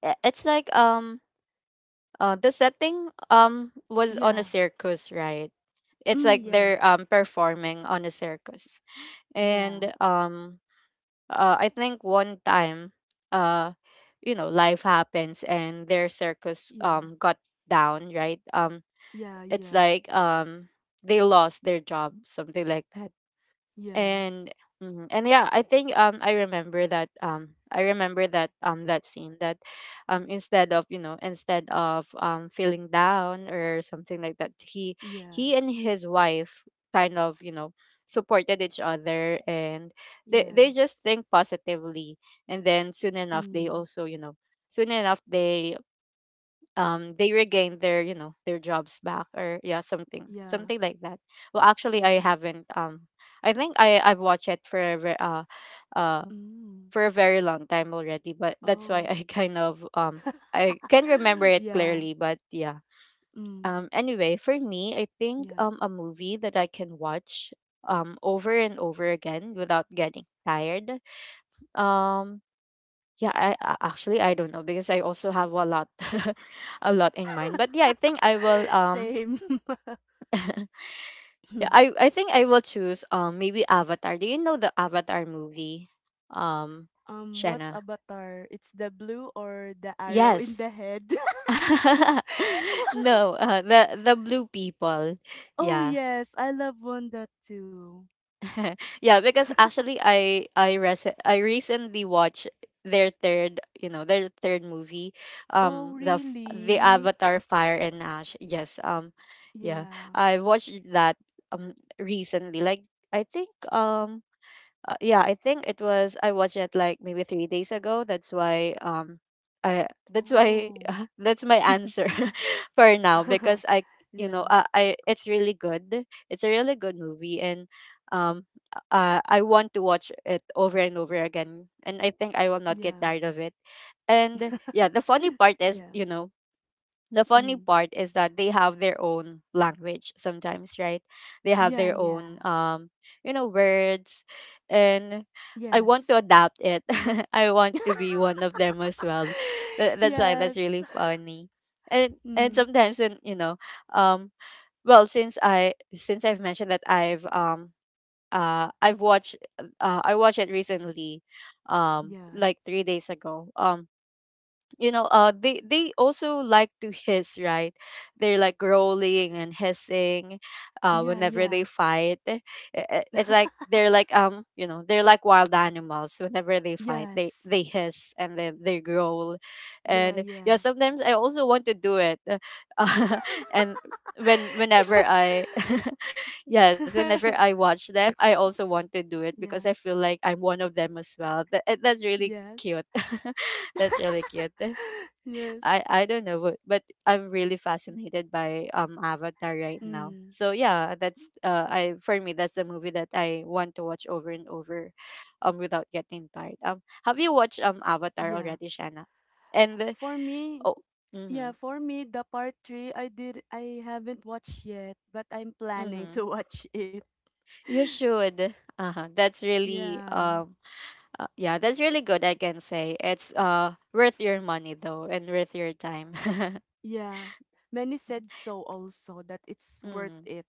S1: i- it's like um, uh, the setting um was on a
S2: Yeah.
S1: circus, right? It's
S2: Mm,
S1: like they're um
S2: yes.
S1: performing on a circus,
S2: Yeah.
S1: and um uh, I think one time, uh, you know, life happens and their circus
S2: Yeah.
S1: um got down, right? Um,
S2: Yeah.
S1: it's
S2: Yeah.
S1: like um they lost their job, something like that. And
S2: Yes.
S1: mhm. And yeah, I think, um i remember that um I remember that um that scene that, um instead of, you know, instead of um feeling down or something like that, he
S2: Yeah.
S1: he and his wife kind of, you know, supported each other, and they they just
S2: Yes.
S1: think positively, and then soon enough they
S2: Mm.
S1: also, you know, soon enough they, um they regained their, you know, their jobs back, or yeah, something
S2: Yeah.
S1: something like that. Well, actually, I
S2: Yeah.
S1: haven't, um i think I I've watched it for a ve- uh uh
S2: Mm.
S1: for a very long time already, but that's why
S2: Oh.
S1: I [laughs] kind of, um I
S2: [laughs]
S1: can remember it
S2: Yeah.
S1: clearly. But yeah,
S2: Mm.
S1: um anyway, for me, I think,
S2: Yeah.
S1: um a movie that I can watch um over and over again without getting tired, um yeah, I, I actually, I don't know, because I also have a lot [laughs] a lot in mind. But yeah, I think I will,
S2: [laughs]
S1: um
S2: Same.
S1: [laughs] yeah, I
S2: [laughs]
S1: I think I will choose, um maybe Avatar. Do you know the Avatar movie? Um
S2: Um, what's
S1: Shanna.
S2: Avatar? It's the blue or the arrow in the
S1: Yes.
S2: head? [laughs]
S1: [laughs] No, uh, the the blue people.
S2: Oh
S1: Yeah.
S2: yes, I love Wanda too.
S1: [laughs] Yeah, because
S2: [laughs]
S1: actually, I I rec- I recently watched their third, you know, their third movie,
S2: Oh
S1: um, the f- the
S2: really?
S1: Avatar Fire and Ash. Yes, um, yeah,
S2: Yeah.
S1: I watched that um recently. Like, I think, um uh, yeah, I think it was, I watched it like maybe three days ago. That's why, um I that's why
S2: Oh.
S1: [laughs] that's my answer
S2: [laughs]
S1: [laughs] for now, because I you know
S2: Yeah.
S1: uh, I it's really good. It's a really good movie, and um uh, I want to watch it over and over again, and I think I will not get
S2: Yeah.
S1: tired of it. And yeah, the funny
S2: [laughs]
S1: part is,
S2: Yeah.
S1: you know, the funny
S2: Mm.
S1: part is that they have their own language sometimes, right? They have
S2: Yeah,
S1: their
S2: yeah.
S1: own, um you know words, and I want to
S2: Yes.
S1: adapt it. [laughs] I want to be one
S2: [laughs]
S1: of them as well. Tha- that's why
S2: Yes.
S1: that's really
S2: [laughs]
S1: funny. and and
S2: Mm.
S1: sometimes when, you know, um well, since i since i've mentioned that i've um uh i've watched uh I watched it recently, um
S2: Yeah.
S1: like three days ago, um you know, uh they they also like to hiss, right? They're like growling and hissing uh
S2: Yeah,
S1: whenever they
S2: yeah.
S1: fight. Eh, eh, it's like
S2: [laughs]
S1: they're like, um you know they're like wild animals whenever they fight, they
S2: Yes.
S1: they hiss and then they growl.
S2: Yeah,
S1: And yeah,
S2: yeah.
S1: sometimes I also want to do it. [laughs] And when
S2: [laughs] Yeah.
S1: whenever I [laughs] yes, whenever
S2: [laughs]
S1: I watch them, I also want to do it, because
S2: Yeah.
S1: I feel like I'm one of them as well. that, that's really
S2: Yes.
S1: cute. [laughs] That's really
S2: [laughs]
S1: cute.
S2: Yes.
S1: I I don't know, but but I'm really fascinated by um Avatar right now.
S2: Mm,
S1: So yeah, that's uh I for me, that's a movie that I want to watch over and over, um without getting tired. Um, have you watched um Avatar
S2: yeah.
S1: already, Shanna? And the-
S2: For me,
S1: oh,
S2: yeah,
S1: mm-hmm,
S2: for me, the part three, I did, I haven't watched yet, but I'm planning
S1: mm-hmm.
S2: to watch it.
S1: You
S2: [laughs]
S1: should. Uh-huh. That's really
S2: Yeah.
S1: um uh, yeah, that's really good. I can say it's uh worth your money, though, and worth your time. [laughs]
S2: Yeah. Many said so also, that it's worth
S1: Mm-hmm.
S2: it.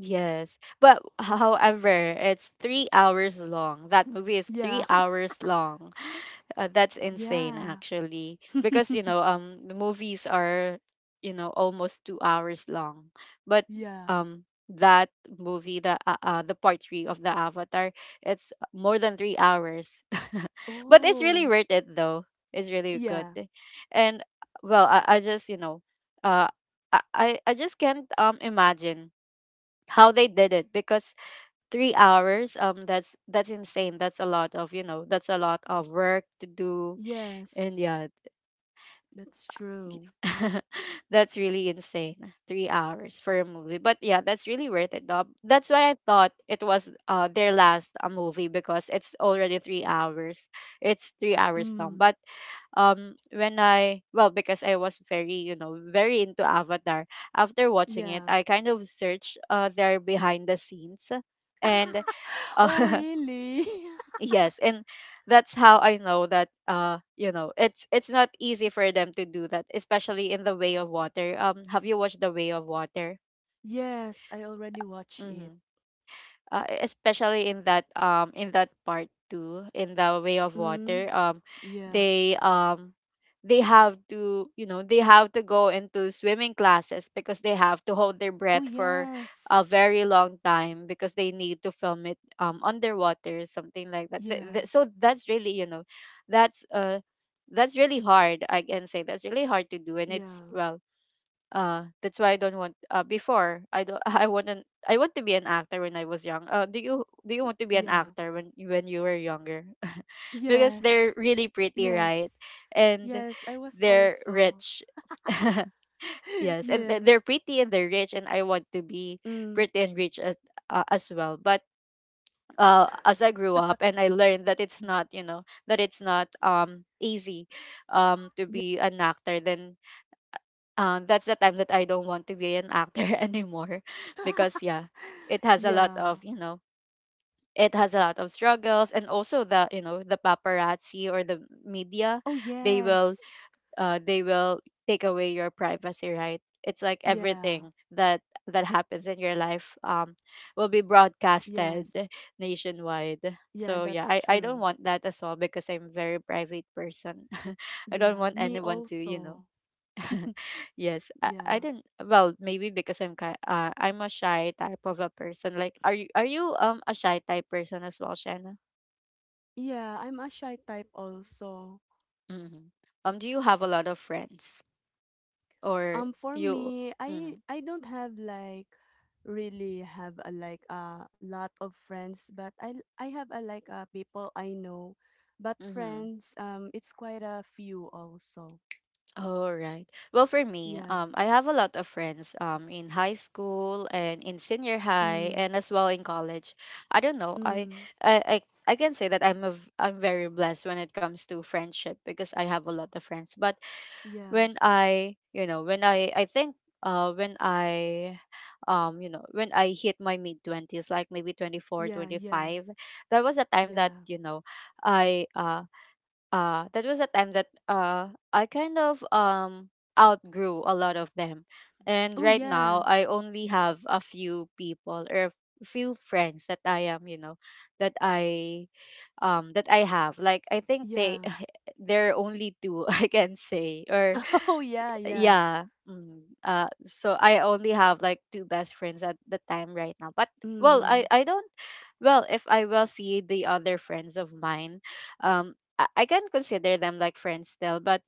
S1: Yes, but [laughs] h- however, it's three hours long. That movie is
S2: Yeah.
S1: three
S2: [laughs]
S1: hours long. [laughs] Uh, that's insane,
S2: Yeah.
S1: actually, because, you
S2: [laughs]
S1: know, um, the movies are, you know, almost two hours long. But
S2: Yeah.
S1: um, that movie, the uh, uh, the part three of the Avatar, it's more than three hours. [laughs] But it's really
S2: Oh.
S1: worth it, though. It's really good,
S2: Yeah.
S1: and well, I, I just, you know, uh, I I I just can't um imagine how they did it, because three hours, um that's that's insane, that's a lot of, you know, that's a lot of work to do. And
S2: Yes.
S1: yeah
S2: That's
S1: G-
S2: true.
S1: [laughs] That's really insane. Three hours for a movie, but yeah, that's really worth it, though. That's why I thought it was uh their last uh, movie, because it's already three hours. It's three hours long,
S2: Mm.
S1: but um when I, well, because I was very, you know, very into Avatar. After watching it,
S2: Yeah.
S1: I kind of searched uh their behind the scenes and
S2: [laughs] Oh
S1: uh [laughs]
S2: really?
S1: Yes, and that's how I know that uh you know it's it's not easy for them to do that, especially in the Way of Water. Um, have you watched the Way of Water?
S2: [laughs] Yes, I already watched it.
S1: Mm-hmm. Uh, especially in that um in that part two in the way of
S2: Mm.
S1: water um
S2: Yeah.
S1: they um they have to you know they have to go into swimming classes because they have to hold their
S2: Oh
S1: breath for
S2: yes.
S1: a very long time because they need to film it um underwater, something like that. Th-
S2: Yeah.
S1: th- so that's really you know that's uh that's really hard. I can say that's really hard to do, and it's
S2: Yeah.
S1: well, uh, that's why I don't want. Uh, before I don't. [laughs] I wouldn't. I want to be an actor when I was young. Uh, do you do you
S2: Y-
S1: want to be an
S2: Yeah.
S1: actor when you- when you were younger? [laughs] Because they're
S2: Yes.
S1: really pretty, right?
S2: Yes.
S1: And
S2: Yes, I was
S1: they're
S2: also.
S1: rich. [laughs]
S2: [laughs]
S1: Yes, and th-
S2: Yes.
S1: they're pretty and they're rich, and I want to be
S2: Mm.
S1: pretty and rich, as, uh, as well. But uh, as I grew up, and I learned that it's not, you know, that it's not um easy um to be an actor. Then um, that's the time that I don't want to be an actor [laughs] anymore, because yeah,
S2: [laughs]
S1: it has a lot
S2: Yeah.
S1: of you know it has a lot of struggles, and also the you know the paparazzi or the media,
S2: Oh,
S1: they will
S2: yes.
S1: uh, they will take away your privacy, right? It's like
S2: Yeah.
S1: everything that that happens in your life um, will be
S2: Yes.
S1: broadcasted nationwide.
S2: Yeah,
S1: So yeah,
S2: that's
S1: I, I don't
S2: true.
S1: want that as well, because I'm very private person. [laughs] I don't
S2: Yeah.
S1: want
S2: Me
S1: anyone to you know.
S2: also.
S1: [laughs] Yes, I, I
S2: Yeah.
S1: don't. Well, maybe because I'm kind. Uh, I'm a shy type of a person. Like, are you are you um a shy type person as well, Shanna?
S2: Yeah, I'm a shy type also.
S1: Hmm. Um, do you have a lot of friends, or
S2: Um for
S1: you?
S2: me, I
S1: Mm-hmm.
S2: I don't have, like, really have, a like, a lot of friends, but I I have, a like, a people I know. But
S1: Mm-hmm.
S2: friends, um it's quite a few also.
S1: All right. Well, for me,
S2: Yeah.
S1: um, I have a lot of friends um in high school and in senior high,
S2: Mm.
S1: and as well in college. I don't know. I
S2: Mm.
S1: I. I I can say that I'm a v- I'm very blessed when it comes to friendship, because I have a lot of friends. But
S2: Yeah.
S1: when I, you know, when I, I think, uh, when I, um, you know, when I hit my mid twenties, like maybe twenty four,
S2: Yeah,
S1: twenty
S2: yeah.
S1: five, that was a time that
S2: Yeah.
S1: you know, I, uh, uh, that was a time that uh, I kind of um outgrew a lot of them, and
S2: Oh,
S1: right now
S2: yeah.
S1: I only have a few people, or a few friends that I am, you know, that I, um, that I have. Like I think
S2: Yeah.
S1: they, [laughs] there are only two [laughs] I can say, or
S2: [laughs] Oh, yeah, yeah.
S1: yeah. Mm, uh so I only have like two best friends at the time right now. But well
S2: Mm.
S1: i i don't, well if I will see the other friends of mine, um i, I can consider them like friends still, but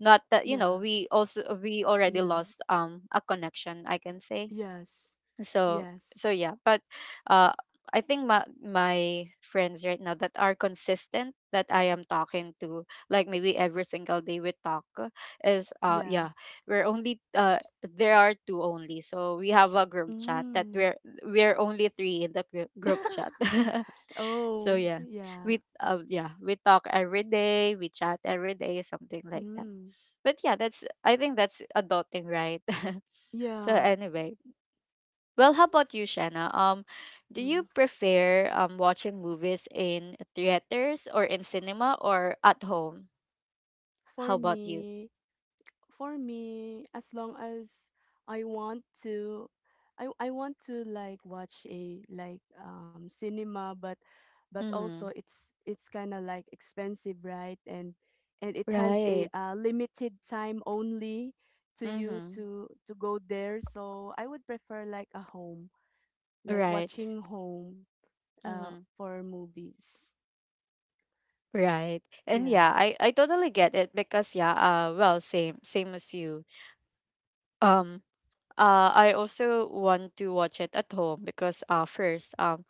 S1: not that you know
S2: Yeah.
S1: we also we already
S2: Yeah.
S1: lost um a connection, I can say.
S2: Yes.
S1: So so
S2: Yes.
S1: yeah. But uh I think my my friends right now that are consistent, that I am talking to, like maybe every single day we talk, uh, is uh
S2: Yeah.
S1: yeah, we're only uh there are two only. So we have a group chat that
S2: Mm.
S1: we're we're only three in the group, group
S2: [laughs]
S1: chat. [laughs] So
S2: Oh,
S1: yeah,
S2: yeah.
S1: we uh, yeah, we talk every day, we chat every day, something like that.
S2: Mm.
S1: But yeah, that's I think that's adulting, right? [laughs] So
S2: Yeah.
S1: anyway, well, how about you, Shanna? Um, do you
S2: Mm.
S1: prefer um watching movies in theaters or in cinema or at home? How
S2: For
S1: about you?
S2: me, for me, as long as I want to, I I want to like watch a like um cinema, but but also
S1: Mm-hmm.
S2: it's it's kind of like expensive, right? And and it has a
S1: Right.
S2: uh, limited time only to you
S1: Mm-hmm.
S2: to to go there. So I would prefer like a home, like
S1: Right.
S2: watching home uh
S1: Mm-hmm.
S2: for movies.
S1: Right. And
S2: Yeah.
S1: yeah, I I totally get it, because yeah, uh well, same same as you. Um, uh I also want to watch it at home, because uh first um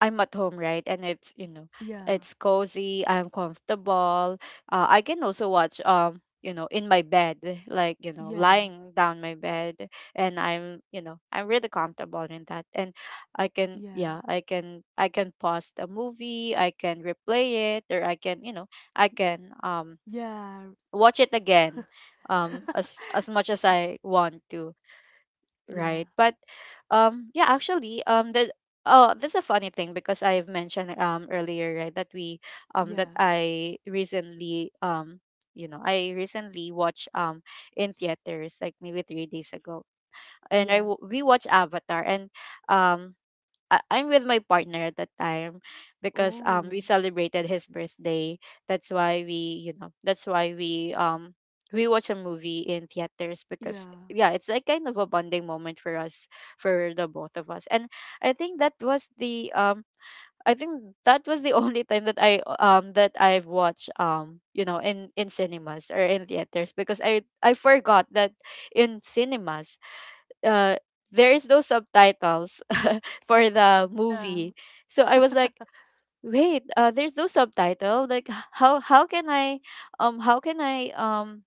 S1: I'm at home, right? And it's, you know,
S2: Yeah.
S1: it's cozy, I'm comfortable. Uh, I can also watch um, you know, in my bed, like, you know,
S2: Yeah.
S1: lying down my bed, and I'm, you know, I'm really comfortable in that. And I can
S2: Yeah.
S1: yeah, I can I can pause the movie, I can replay it, or I can, you know, I can um
S2: Yeah.
S1: watch it again um as
S2: [laughs]
S1: as much as I want to,
S2: Yeah.
S1: right? But um yeah, actually, um the oh, that's a funny thing, because I've mentioned um earlier, right, that we um that
S2: Yeah.
S1: I recently um you know I recently watched um in theaters, like maybe three days ago, and i
S2: Yeah.
S1: w- we watched Avatar, and um I- I'm with my partner at that time, because um we
S2: Oh,
S1: celebrated his birthday. That's why we, you know, that's why we um we watch a movie in theaters, because
S2: yeah.
S1: yeah, it's like kind of a bonding moment for us, for the both of us. And I think that was the um I think that was the [laughs] only time that I um that I've watched um you know in in cinemas or in theaters, because I I forgot that in cinemas uh there is no subtitles [laughs] for the
S2: Yeah.
S1: movie. So I was like, wait, uh, there's no subtitle. Like h- how how can I um how can I um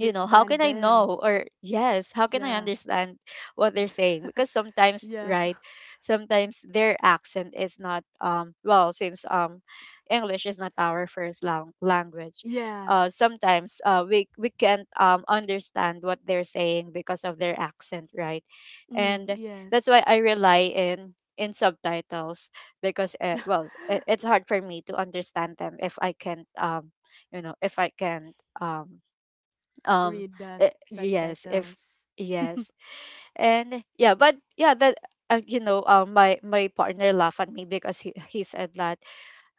S1: you know how can I
S2: them.
S1: know, or yes, how can I
S2: Yeah.
S1: understand what they're saying?
S2: [laughs]
S1: Because sometimes,
S2: yeah.
S1: right, sometimes their accent is not um well, since um english is not our first lang- language,
S2: Yeah.
S1: uh sometimes uh we we can't um understand what they're saying because of their accent, right?
S2: Mm,
S1: And that's
S2: yes.
S1: why I rely in in subtitles, because uh,
S2: [laughs]
S1: well it, it's hard for me to understand them if I can't um you know if I can't um um
S2: Read the
S1: eh, yes if
S2: subtitles.
S1: yes. And yeah, but yeah that, uh, you know um my my partner laughed at me because he, he said that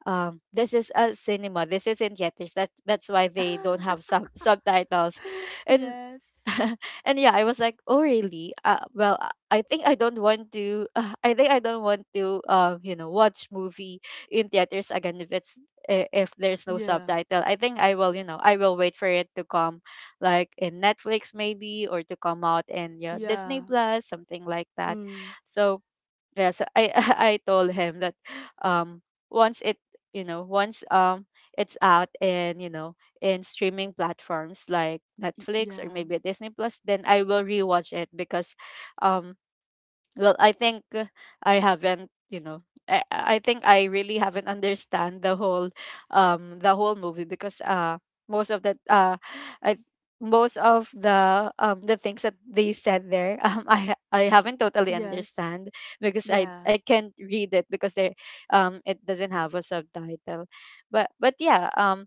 S1: um this is a cinema, this isn't theaters, that that's why they don't have
S2: [laughs]
S1: sub subtitles. And
S2: yes.
S1: [laughs] and yeah, I was like, "Oh really? Uh, well, uh, I think I don't want to. [laughs] Uh, I think I don't want to. Um, you know, watch movie in theaters again if it's i- if there's no
S2: Yeah.
S1: subtitle. I think I will. You know, I will wait for it to come, like in Netflix maybe, or to come out in yeah Disney
S2: Yeah.
S1: Plus, something like that.
S2: Mm,
S1: So yeah, so I [laughs] I told him that um once it you know once um it's out in you know in streaming platforms like
S2: y-
S1: Netflix or
S2: yeah.
S1: maybe Disney Plus, then I will rewatch it, because um well, I think uh, I haven't, you know, I, I think I really haven't understand the whole um the whole movie, because uh most of the uh I most of the um the things that they said there [laughs] um I ha- I haven't totally
S2: Yes.
S1: understand, because I
S2: Yeah.
S1: I can't read it, because they um it doesn't have a subtitle. But but yeah, um,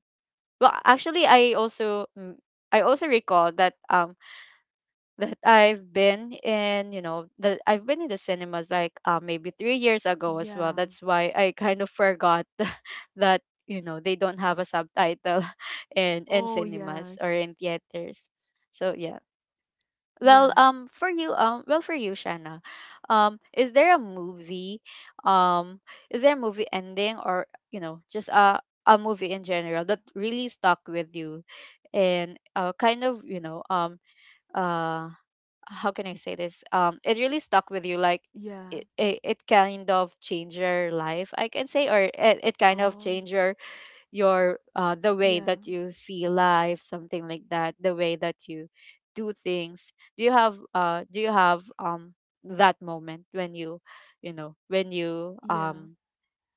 S1: well actually I also mm, I also recall that um that I've been in, you know, that I've been in the cinemas like uh, maybe three years ago as well.
S2: Yeah.
S1: That's why I kind of forgot [laughs] that, you know, they don't have a subtitle [laughs] in in
S2: Oh,
S1: cinemas or in
S2: yes.
S1: theaters. So yeah. Well,
S2: Yeah.
S1: um, for you, um, well for you, Shanna, um, is there a movie, um, is there a movie ending, or you know just a a movie in general that really stuck with you, and uh, kind of you know um uh how can I say this? Um, it really stuck with you. Like
S2: Yeah.
S1: it, it, it kind of changed your life, I can say, or it, it kind of
S2: Oh,
S1: changed your your uh the way
S2: yeah.
S1: that you see life, something like that, the way that you do things. Do you have uh do you have um that moment when you you know when you
S2: Yeah.
S1: um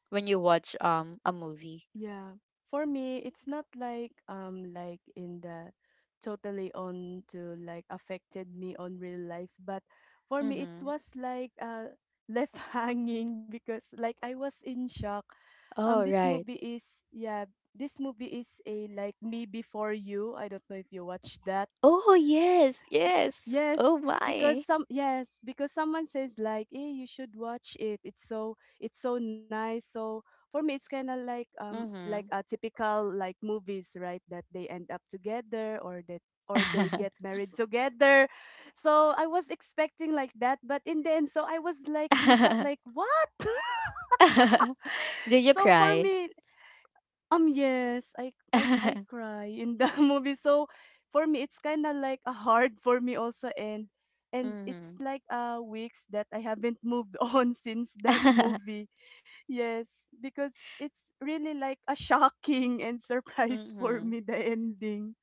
S1: when you watch um a movie?
S2: Yeah. For me, it's not like um like in the totally on to like affected me on real life, but for me it
S1: Mm-hmm.
S2: was like uh left [laughs] hanging because like I was in shock. Um
S1: Oh
S2: this
S1: right.
S2: movie is yeah, this movie is a like Me Before You. I don't know if you watched that.
S1: Oh yes, yes. Oh
S2: Yes, because
S1: my.
S2: some yes, because someone says like, "Hey, you should watch it. It's so it's so nice." So for me, it's kind of like um like
S1: Mm-hmm.
S2: a typical like movies, right? That they end up together or that or they get married [laughs] together. So I was expecting like that, but in the end, so I was like in shock, like
S1: [laughs]
S2: what? [laughs]
S1: [laughs] Did you
S2: So for
S1: cry?
S2: me, um, yes, I I I
S1: [laughs]
S2: cry in the [laughs] movie. So for me, it's kind of like a hard for me also, and and it's
S1: Mhm.
S2: like uh weeks that I haven't moved [laughs] on since that movie. Yes, because it's really like a shocking and surprise for
S1: Mhm.
S2: me the ending.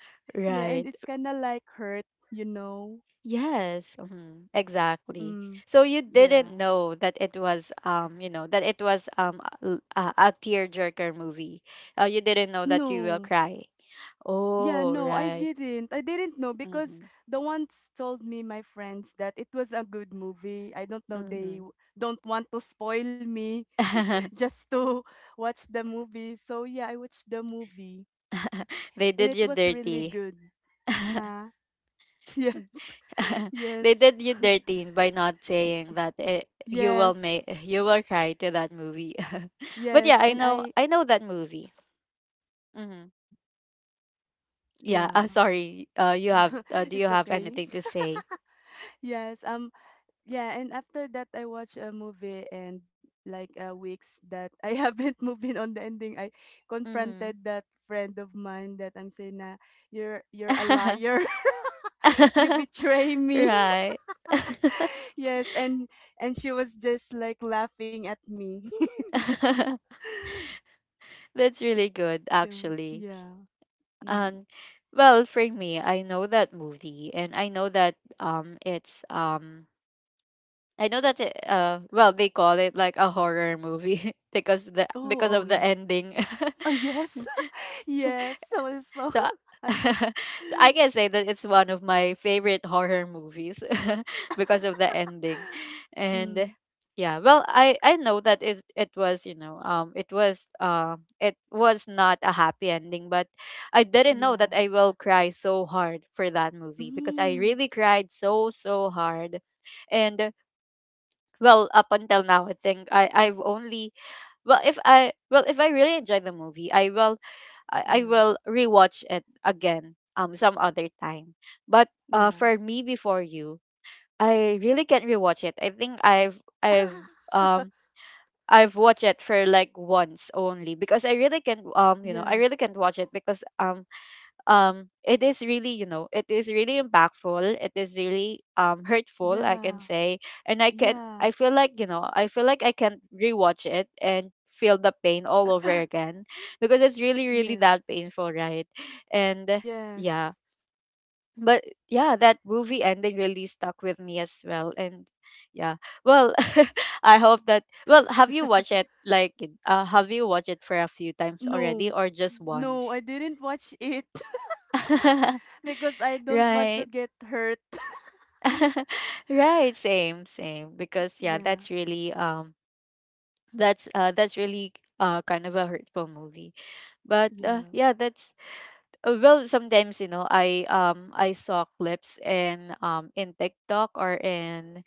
S1: [laughs]
S2: Yeah, and
S1: Right.
S2: it's kind of like hurt, you know.
S1: Yes. Mhm. Exactly.
S2: Mm,
S1: So you didn't
S2: yeah.
S1: know that it was um you know that it was um a, a a tearjerker movie. Uh, you didn't know that you will
S2: No.
S1: cry.
S2: Yeah,
S1: Oh
S2: no, I
S1: right.
S2: didn't. I didn't know because
S1: Mhm.
S2: the ones told me my friends that it was a good movie. I don't know they
S1: Mhm.
S2: w- don't want to spoil me [laughs]
S1: [laughs]
S2: just to watch the movie. So yeah, I watched the movie
S1: They
S2: and
S1: did
S2: it
S1: you
S2: was really
S1: dirty.
S2: good.
S1: [laughs]
S2: Huh? [laughs] Yes.
S1: [laughs]
S2: Yes.
S1: They did you dirty by not
S2: Y-
S1: saying that eh, you will make
S2: Yes.
S1: you will cry to that movie. [laughs] But
S2: Yes,
S1: yeah, i
S2: and
S1: know
S2: I
S1: I know that movie. Hmm. Yeah,
S2: yeah.
S1: uh, sorry, uh you have uh,
S2: [laughs]
S1: do you
S2: It's
S1: have
S2: okay.
S1: anything to say?
S2: [laughs] Yes, um yeah, and after that I watched a movie and like uh, weeks that I haven't [laughs] moved in on the ending. I
S1: Hmm.
S2: confronted that friend of mine that I'm saying na you're you're a
S1: [laughs]
S2: liar. [laughs] You betray me.
S1: Right. [laughs]
S2: [laughs] Yes, and and she was just like laughing at me.
S1: [laughs] That's really good,
S2: [laughs] So,
S1: actually.
S2: yeah. Mm.
S1: Um, well, for me, I know that movie, and I know that um, it's um I know that it, uh well they call it like a horror movie [laughs] because the
S2: Oh,
S1: because
S2: oh
S1: of
S2: yeah.
S1: the ending.
S2: Oh yes.
S1: [laughs]
S2: [laughs] Yes, also.
S1: so I- [laughs] so I can say that it's one of my favorite horror movies [laughs] because of the ending.
S2: [laughs] Mm,
S1: And yeah, well I I know that it it was, you know, um it was uh it was not a happy ending, but I didn't know that
S2: yeah.
S1: I will cry so hard for that movie because I
S2: Mm,
S1: really cried so so hard. And well up until now, I think i i've only, well if i, well if I really enjoy the movie I will, i, I
S2: yeah.
S1: will rewatch it again um some other time. But uh
S2: Yeah.
S1: for me, before you, I really can't rewatch it. I think i've i've um
S2: [laughs]
S1: I've watched it for like once only because I really can't, um you know I
S2: Yeah,
S1: really can't watch it because um um it is really, you know, it is really impactful, it is really um hurtful, I can
S2: yeah,
S1: say. And i can I
S2: yeah.
S1: feel like, you know, I feel like I can rewatch it and feel the pain all over
S2: [gasps]
S1: again because it's really, really
S2: [laughs] Yeah,
S1: that painful, right? And yeah,
S2: yes.
S1: but yeah, that movie ending really stuck with me as well. And yeah, well, [laughs] I hope that, well, have you watched it like, uh, have you watched it for a few times already
S2: No,
S1: or just
S2: no, I
S1: once?
S2: didn't watch it [laughs] because
S1: [laughs]
S2: I don't want to
S1: Right.
S2: get hurt. [laughs]
S1: [laughs] Right, same, same, because yeah,
S2: Yeah,
S1: that's really um that's uh that's really, uh kind of a hurtful movie. But uh,
S2: yeah,
S1: yeah, that's, uh, well, sometimes, you know, i um I saw clips in, um in TikTok, or in,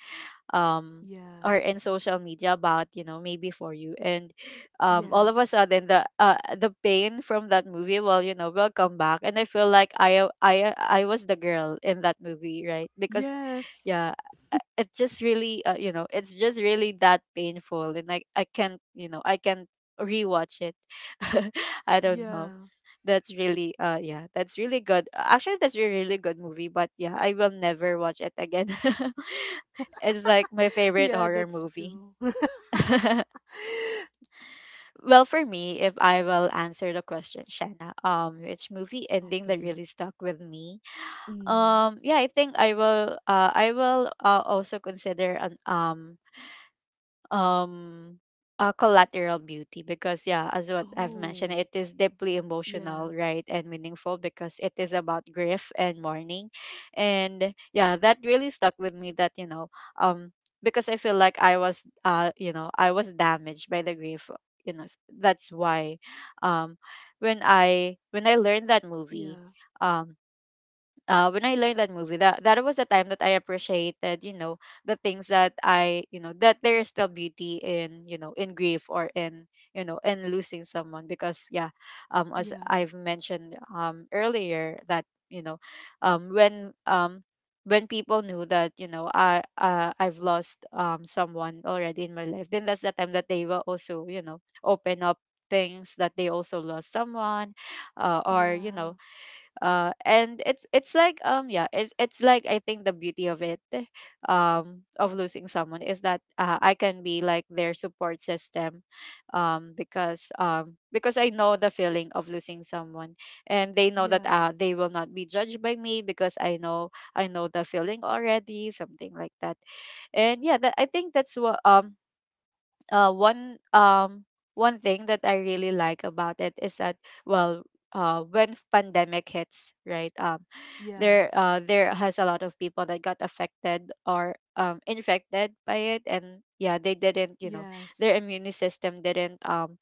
S1: um or
S2: yeah,
S1: in social media about, you know, maybe for you. And um all
S2: yeah,
S1: of a sudden the uh, the pain from that movie will, you know, will come back, and I feel like i i i was the girl in that movie, right? Because
S2: yes,
S1: yeah, uh, it just really, uh, you know it's just really that painful, and i i can't, you know, I can't rewatch it. [laughs] I don't know.
S2: yeah,
S1: That's really uh yeah, that's really good. Actually, that's a really good movie, but yeah, I will never watch it again. [laughs] It's like my
S2: [laughs]
S1: favorite
S2: yeah,
S1: horror
S2: that's
S1: movie.
S2: true. [laughs]
S1: [laughs] Well, for me, if I will answer the question, Shanna, um, which movie ending that
S2: Okay.
S1: really stuck with me?
S2: Mm.
S1: Um, yeah, I think I will. Uh, I will, uh, also consider an um um uh, Collateral Beauty, because yeah, as what I've mentioned,
S2: Oh,
S1: it is deeply
S2: yeah,
S1: emotional, right, and meaningful because it is about grief and mourning. And yeah, that really stuck with me, that you know, um because I feel like I was, uh you know I was damaged by the grief, you know. S- that's why, um when I, when I learned that movie,
S2: yeah,
S1: um uh, when I learned that movie, that that was the time that I appreciated, you know, the things that I, you know, that there is still beauty in, you know, in grief, or in, you know, in losing someone. Because yeah, um, as
S2: yeah,
S1: I've mentioned um earlier, that you know, um, when um when people knew that, you know, I uh, I've lost um someone already in my life, then that's the time that they will also, you know, open up things that they also lost someone, uh, or you know.
S2: yeah,
S1: Uh and it's it's like, um yeah, it's it's like, I think the beauty of it, um of losing someone, is that, uh, I can be like their support system, um because um because I know the feeling of losing someone, and they know that
S2: yeah,
S1: uh they will not be judged by me because i know I know the feeling already, something like that. And yeah, that, I think that's what, um uh one, um one thing that I really like about it, is that, well, uh when pandemic hits, right? Um
S2: yeah,
S1: there uh there has a lot of people that got affected, or um infected by it, and yeah, they didn't, you know, their
S2: yes.
S1: immune system didn't, um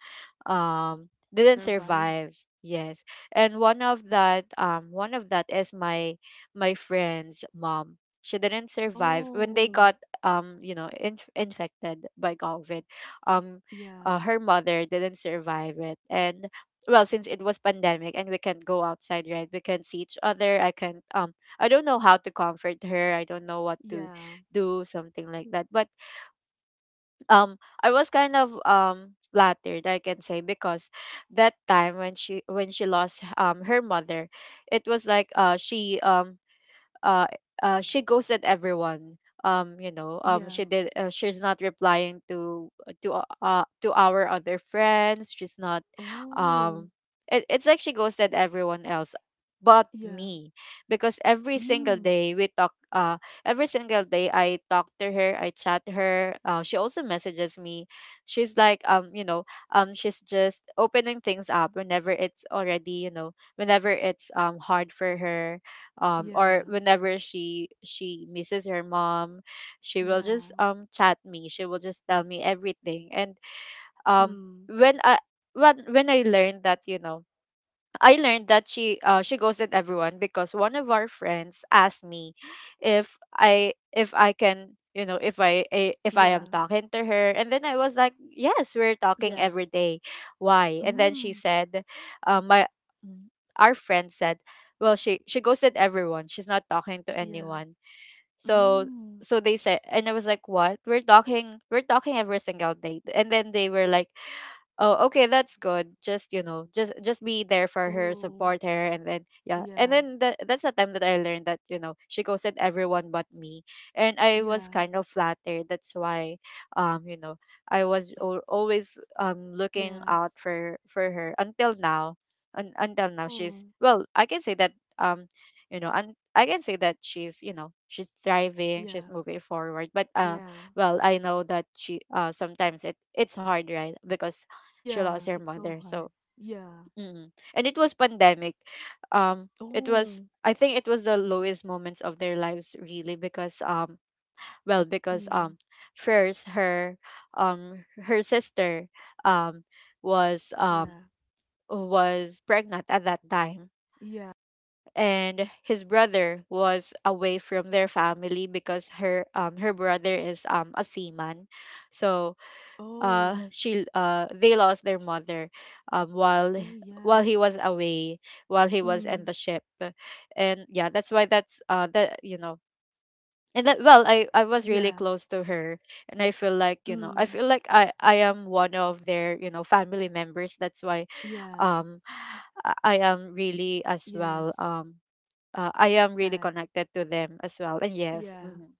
S1: um didn't
S2: Survive.
S1: survive, yes. And one of that, um one of that is my, my friend's mom. She didn't survive when they
S2: Oh,
S1: got, um you know in infected by COVID. um
S2: yeah.
S1: uh, Her mother didn't survive it. And well, since it was pandemic, and we can't go outside, right, we can't see each other, i can't um I don't know how to comfort her, I don't know what to
S2: Yeah,
S1: do, something like that. But um I was kind of um flattered, I can say, because that time, when she, when she lost um her mother, it was like uh she um uh uh she goes at everyone, um you know um
S2: yeah.
S1: she did, uh, she's not replying to, to uh uh, to our other friends, she's not,
S2: Oh,
S1: um it, it's like she goes at everyone else but
S2: yeah.
S1: me. Because every single
S2: Mm,
S1: day we talk, uh every single day I talk to her, I chat her, uh, she also messages me. She's like, um you know um she's just opening things up, whenever it's already, you know, whenever it's um hard for her, um or
S2: yeah,
S1: whenever she she misses her mom, she will just
S2: yeah.
S1: um chat me, she will just tell me everything. And um
S2: Mm,
S1: when i when when i learned that, you know, I learned that she, uh, she ghosted everyone, because one of our friends asked me if I if I can, you know, if I I- if I
S2: yeah,
S1: am talking to her. And then I was like, yes, we're talking
S2: yeah.
S1: every day, why? And then she
S2: Mm,
S1: said, uh, my mm, our friend said, well, she she ghosted everyone, she's not talking to
S2: yeah.
S1: anyone. So,
S2: Mm.
S1: so they said. And I was like, what, we're talking, we're talking every single day. And then they were like, oh, okay, that's good. Just, you know, just just be there for her,
S2: Oh,
S1: support her, and then yeah. And
S2: yeah,
S1: then the, that's the time that I learned that, you know, she ghosted everyone but me. And I was
S2: yeah,
S1: kind of flattered. That's why, um, you know, I was al always um looking out
S2: yes.
S1: for for her until now. Un- until now,
S2: Oh,
S1: she's, well, I can say that, um, you know, and I can say that she's, you know, she's thriving, she's
S2: yeah,
S1: moving forward, but uh
S2: yeah,
S1: well, I know that she, uh sometimes it it's hard, right, because she
S2: yeah.
S1: lost her
S2: It's so
S1: mother.
S2: hard.
S1: So
S2: Yeah.
S1: mm. And it was pandemic. Um it was,
S2: Oh,
S1: I think it was the lowest moments of their lives, really, because um well, because
S2: mm,
S1: um first her, um her sister, um was
S2: yeah,
S1: um was pregnant at that time.
S2: yeah.
S1: And his brother was away from their family, because her, um her brother is um a seaman. So
S2: Oh,
S1: uh she uh they lost their mother um while
S2: oh,
S1: while he
S2: yes.
S1: was away, while he was
S2: Mm,
S1: in the ship. And yeah, that's why, that's uh that, you know, and that, well, i i was really
S2: yeah,
S1: close to her, and I feel like, you know, I
S2: mm,
S1: feel like i i am one of their, you know, family members. That's why,
S2: yeah,
S1: um i I am really as well,
S2: yes.
S1: um uh, I am really
S2: Sad.
S1: connected to them as well. And yes,
S2: Yeah.
S1: mhm.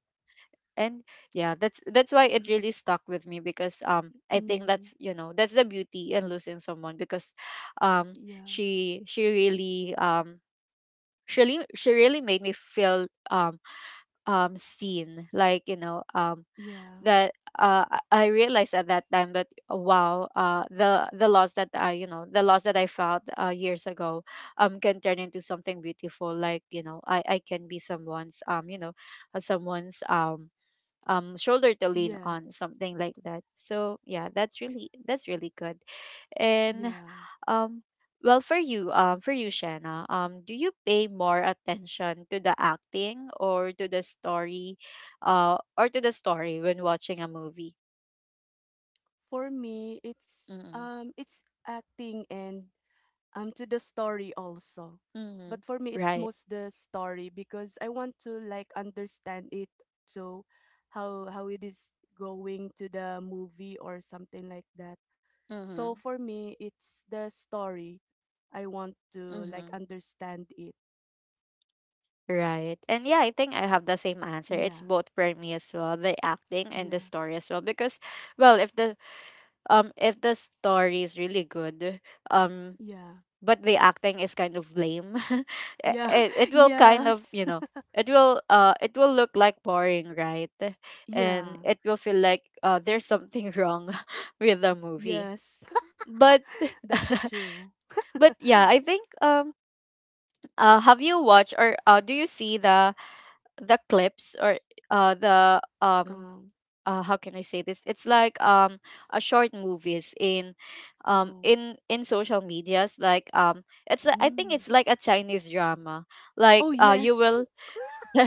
S1: And yeah, that's that's why it
S2: Mhm,
S1: really stuck with me, because um I think
S2: mm,
S1: that's, you know, that's the beauty in losing someone. Because um
S2: yeah,
S1: she she really, um she really, she really made me feel, um um seen, like, you know, um
S2: yeah,
S1: that uh i I realized at that time that, uh, wow, uh the the loss that I, you know, the loss that I felt uh years ago, um can turn into something beautiful. Like, you know, i i can be someone's, um you know uh, someone's, um um shoulder to lean
S2: yeah,
S1: on, something like that. So yeah, that's really, that's really good. And
S2: yeah.
S1: um well, for you, um for you, Shanna, um do you pay more attention to the acting or to the story, uh or to the story when watching a movie?
S2: For me, it's
S1: Mm-hmm.
S2: um, it's acting and um, to the story also. But
S1: Mm-hmm.
S2: for me, it's
S1: Right.
S2: most the story because I want to like understand it. So, how how it is going to the movie or something like that. So
S1: Mm-hmm.
S2: for me, it's the story. I want to like
S1: Mm-hmm.
S2: understand it.
S1: Right. And yeah, I think I have the same answer. It's
S2: Yeah,
S1: both for me as well, the acting and the
S2: yeah,
S1: story as well. Because, well, if the, um if the story is really good, um
S2: yeah,
S1: but the acting is kind of lame, [laughs] it,
S2: yeah,
S1: it it
S2: [laughs]
S1: will kind of,
S2: yes.
S1: you know, it will, uh it will look like boring, right? And
S2: Yeah.
S1: it will feel like, uh there's something wrong [laughs] with the movie.
S2: Yes.
S1: but
S2: [laughs] That's true.
S1: but yeah, I think, um uh have you watched, or uh do you see the the clips, or uh the um
S2: Um.
S1: uh how can I say this? It's like, um a short movies in, um
S2: Oh.
S1: in in social medias, like, um it's a- I think
S2: Mm.
S1: it's like a Chinese drama.
S2: Oh
S1: Like uh you
S2: yes.
S1: will
S2: [laughs]
S1: [laughs]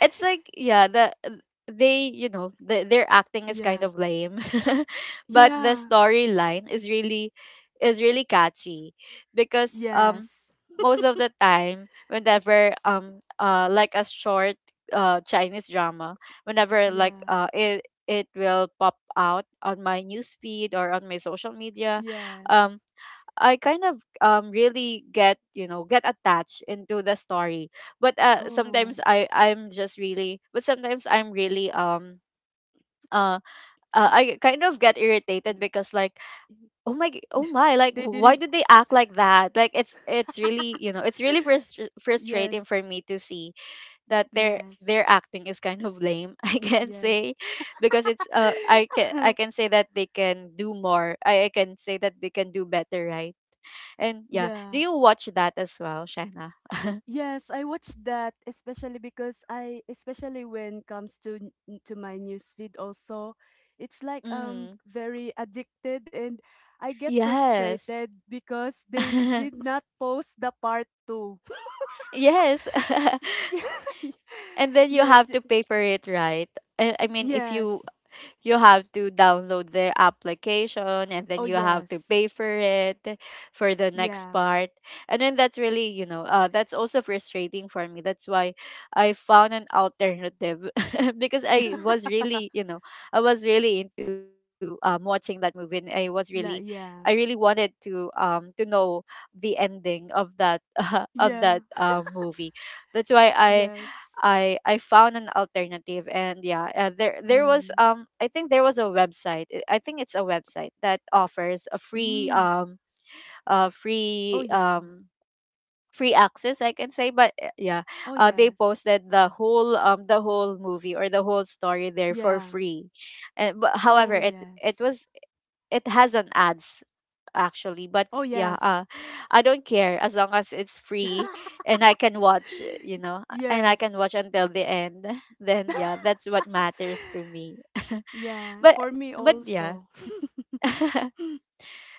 S1: it's like yeah the uh, they you know the, their acting is kind
S2: Yeah.
S1: of lame [laughs] but the
S2: Yeah.
S1: storyline is really is really catchy because um
S2: Yes.
S1: most of the time whenever um uh like a short uh Chinese drama whenever like
S2: Yeah.
S1: uh it it will pop out on my news feed or on my social media.
S2: Yeah.
S1: um I kind of um really get you know get attached into the story, but uh
S2: Oh.
S1: sometimes I I'm just really but sometimes I'm really um uh, uh
S2: It-
S1: I kind of get
S2: mm,
S1: irritated because like
S2: mm.
S1: oh my g- oh my, like
S2: They didn't
S1: why do they
S2: post.
S1: act like that? Like it's it's really,
S2: [laughs]
S1: you know, it's really frustr- frustrating for
S2: Yes.
S1: me to see that their
S2: Yes.
S1: their acting is kind of lame, [laughs] I can
S2: Yes.
S1: say. Because it's uh i can i
S2: [laughs]
S1: can say that they can do more. i, I can say that they can do better, right? And yeah, do
S2: Yeah.
S1: you watch that as well, Shaina? [laughs]
S2: Yes, I watched that especially because I especially when comes to n- to my newsfeed also, it's like um
S1: Mm.
S2: very addicted and I get
S1: Yes.
S2: frustrated because they did
S1: [laughs]
S2: not post the part two.
S1: Yes.
S2: [laughs] Yeah.
S1: [laughs] And then you
S2: Yes.
S1: have
S2: Y-
S1: to pay for it, right? I, I mean, if you
S2: yes.
S1: you have to download their application and
S2: Oh
S1: then you have to
S2: yes.
S1: pay for it for the next
S2: Yeah.
S1: part. And then that's really, you know, uh, that's also frustrating for me. That's why I found an alternative [laughs] because I was really,
S2: [laughs]
S1: you know, I was really into, um, watching that movie, and I was really,
S2: La
S1: I
S2: yeah.
S1: really wanted to um to know the ending of that [laughs] of
S2: Yeah.
S1: that um movie. That's why I
S2: Yes.
S1: I I found an alternative. And yeah, uh, there there was,
S2: Mm.
S1: um I think there was a website. I I think it's a website that offers a free
S2: Mm.
S1: um uh
S2: Oh
S1: free
S2: yeah.
S1: um free access, I can say. But uh, yeah,
S2: Oh
S1: uh they
S2: yes.
S1: posted the whole um the whole movie or the whole story there for
S2: Yeah.
S1: free. And but however
S2: Oh
S1: it it
S2: yes.
S1: was, it has an ads actually. But
S2: Oh,
S1: yeah,
S2: yes.
S1: uh I don't care, as long as it's free and I
S2: [laughs]
S1: can watch you know and I can
S2: Yes.
S1: watch until the end. [laughs] Then yeah, that's what matters to me. [laughs]
S2: Yeah,
S1: but
S2: for me
S1: but yeah,
S2: also.
S1: [laughs]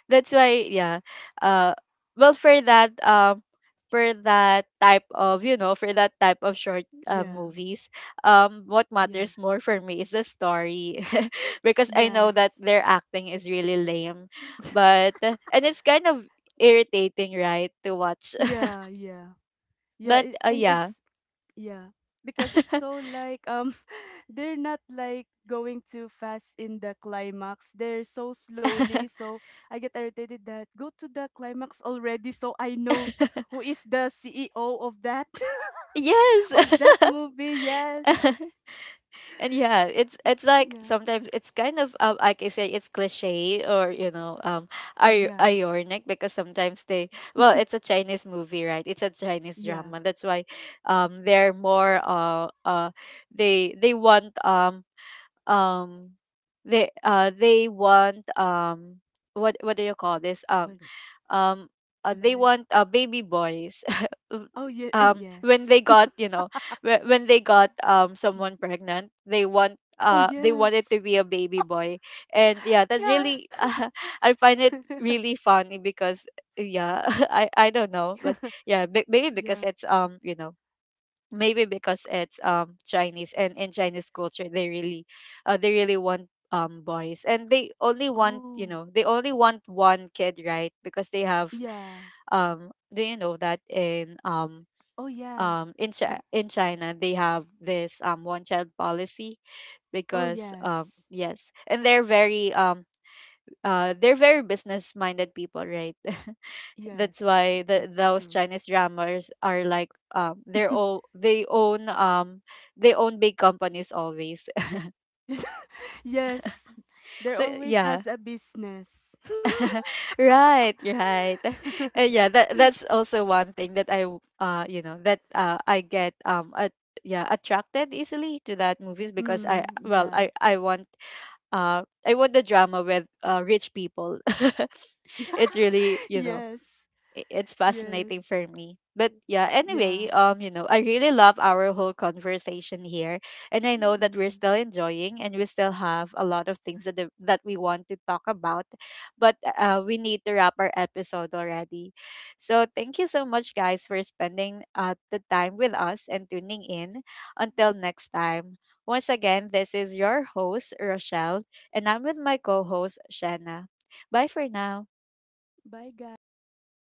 S1: that's why. Yeah, uh well, for that um for that type of, you know, for that type of short
S2: [laughs]
S1: uh,
S2: Yeah,
S1: movies, um what
S2: yeah.
S1: matters more for me is the story. [laughs] Because I know that
S2: Yes.
S1: their acting is really lame,
S2: [laughs]
S1: but and it's kind of irritating, right, to watch.
S2: Yeah, yeah.
S1: [laughs]
S2: Yeah,
S1: But
S2: it,
S1: uh,
S2: and
S1: yeah.
S2: it's yeah, because it's
S1: [laughs]
S2: so like um [laughs] they're not like going too fast in the climax. They're so slowly, so I get irritated that go to the climax already so I know who is the C E O of that [laughs] of
S1: Yes.
S2: that movie. Yes.
S1: [laughs] And yeah, it's it's like
S2: Yeah.
S1: sometimes it's kind of um, like I say, it's cliche or, you know, um
S2: Oh
S1: ir-
S2: yeah.
S1: ironic, because sometimes they, well, it's a Chinese movie, right? It's a Chinese
S2: Yeah,
S1: drama, that's why um they're more uh uh they they want um um they uh they want, um what what do you call this,
S2: but
S1: um um uh, they
S2: like,
S1: want, uh, baby boys.
S2: oh
S1: [laughs]
S2: yeah, eh,
S1: um when they
S2: yes,
S1: got, you know, whe- when they got um someone
S2: [laughs]
S1: pregnant, they want,
S2: oh
S1: uh they wanted to
S2: yes,
S1: be a baby boy. And yeah, that's really [laughs]
S2: yeah,
S1: uh, I find it really funny because yeah. [laughs] i i don't know, but
S2: [laughs]
S1: yeah, b- maybe because
S2: yeah,
S1: it's um you know maybe because it's um Chinese, and in Chinese culture they really, uh, they really want um boys, and they only want,
S2: oh
S1: you know, they only want one kid, right? Because they have,
S2: yeah,
S1: um do you know that in um
S2: oh yeah,
S1: um in Chi in China they have this um one child policy?
S2: oh
S1: Because um
S2: yes,
S1: yes, and they're very um uh they're very business minded people, right? [laughs] That's
S2: yes,
S1: why the
S2: that's
S1: those
S2: true.
S1: Chinese dramas are like, um they're all, they own, um they own big companies always.
S2: [laughs] Yes,
S1: [laughs]
S2: there
S1: So
S2: always
S1: yeah.
S2: has a business.
S1: [laughs] Right, right. [laughs]
S2: [laughs]
S1: Uh, yeah, that that's also one thing that I w- uh you know, that uh I get um at, yeah, attracted easily to that movies, because I,
S2: Mm,
S1: well,
S2: yeah,
S1: I I want, uh I want the drama with uh rich people. [laughs] It's really,
S2: [laughs]
S1: you know,
S2: yes,
S1: i- it's fascinating
S2: yes,
S1: for me. But yeah, anyway,
S2: yeah.
S1: um, you know, I really love our whole conversation here, and I know that we're
S2: Mm.
S1: still enjoying, and we still have a lot of things that the- that we want to talk about, but uh, we need to wrap our episode already. So thank you so much, guys, for spending uh the time with us and tuning in. Until next time, once again, this is your host Rochelle, and I'm with my co-host Shanna. Bye for now.
S2: Bye, guys.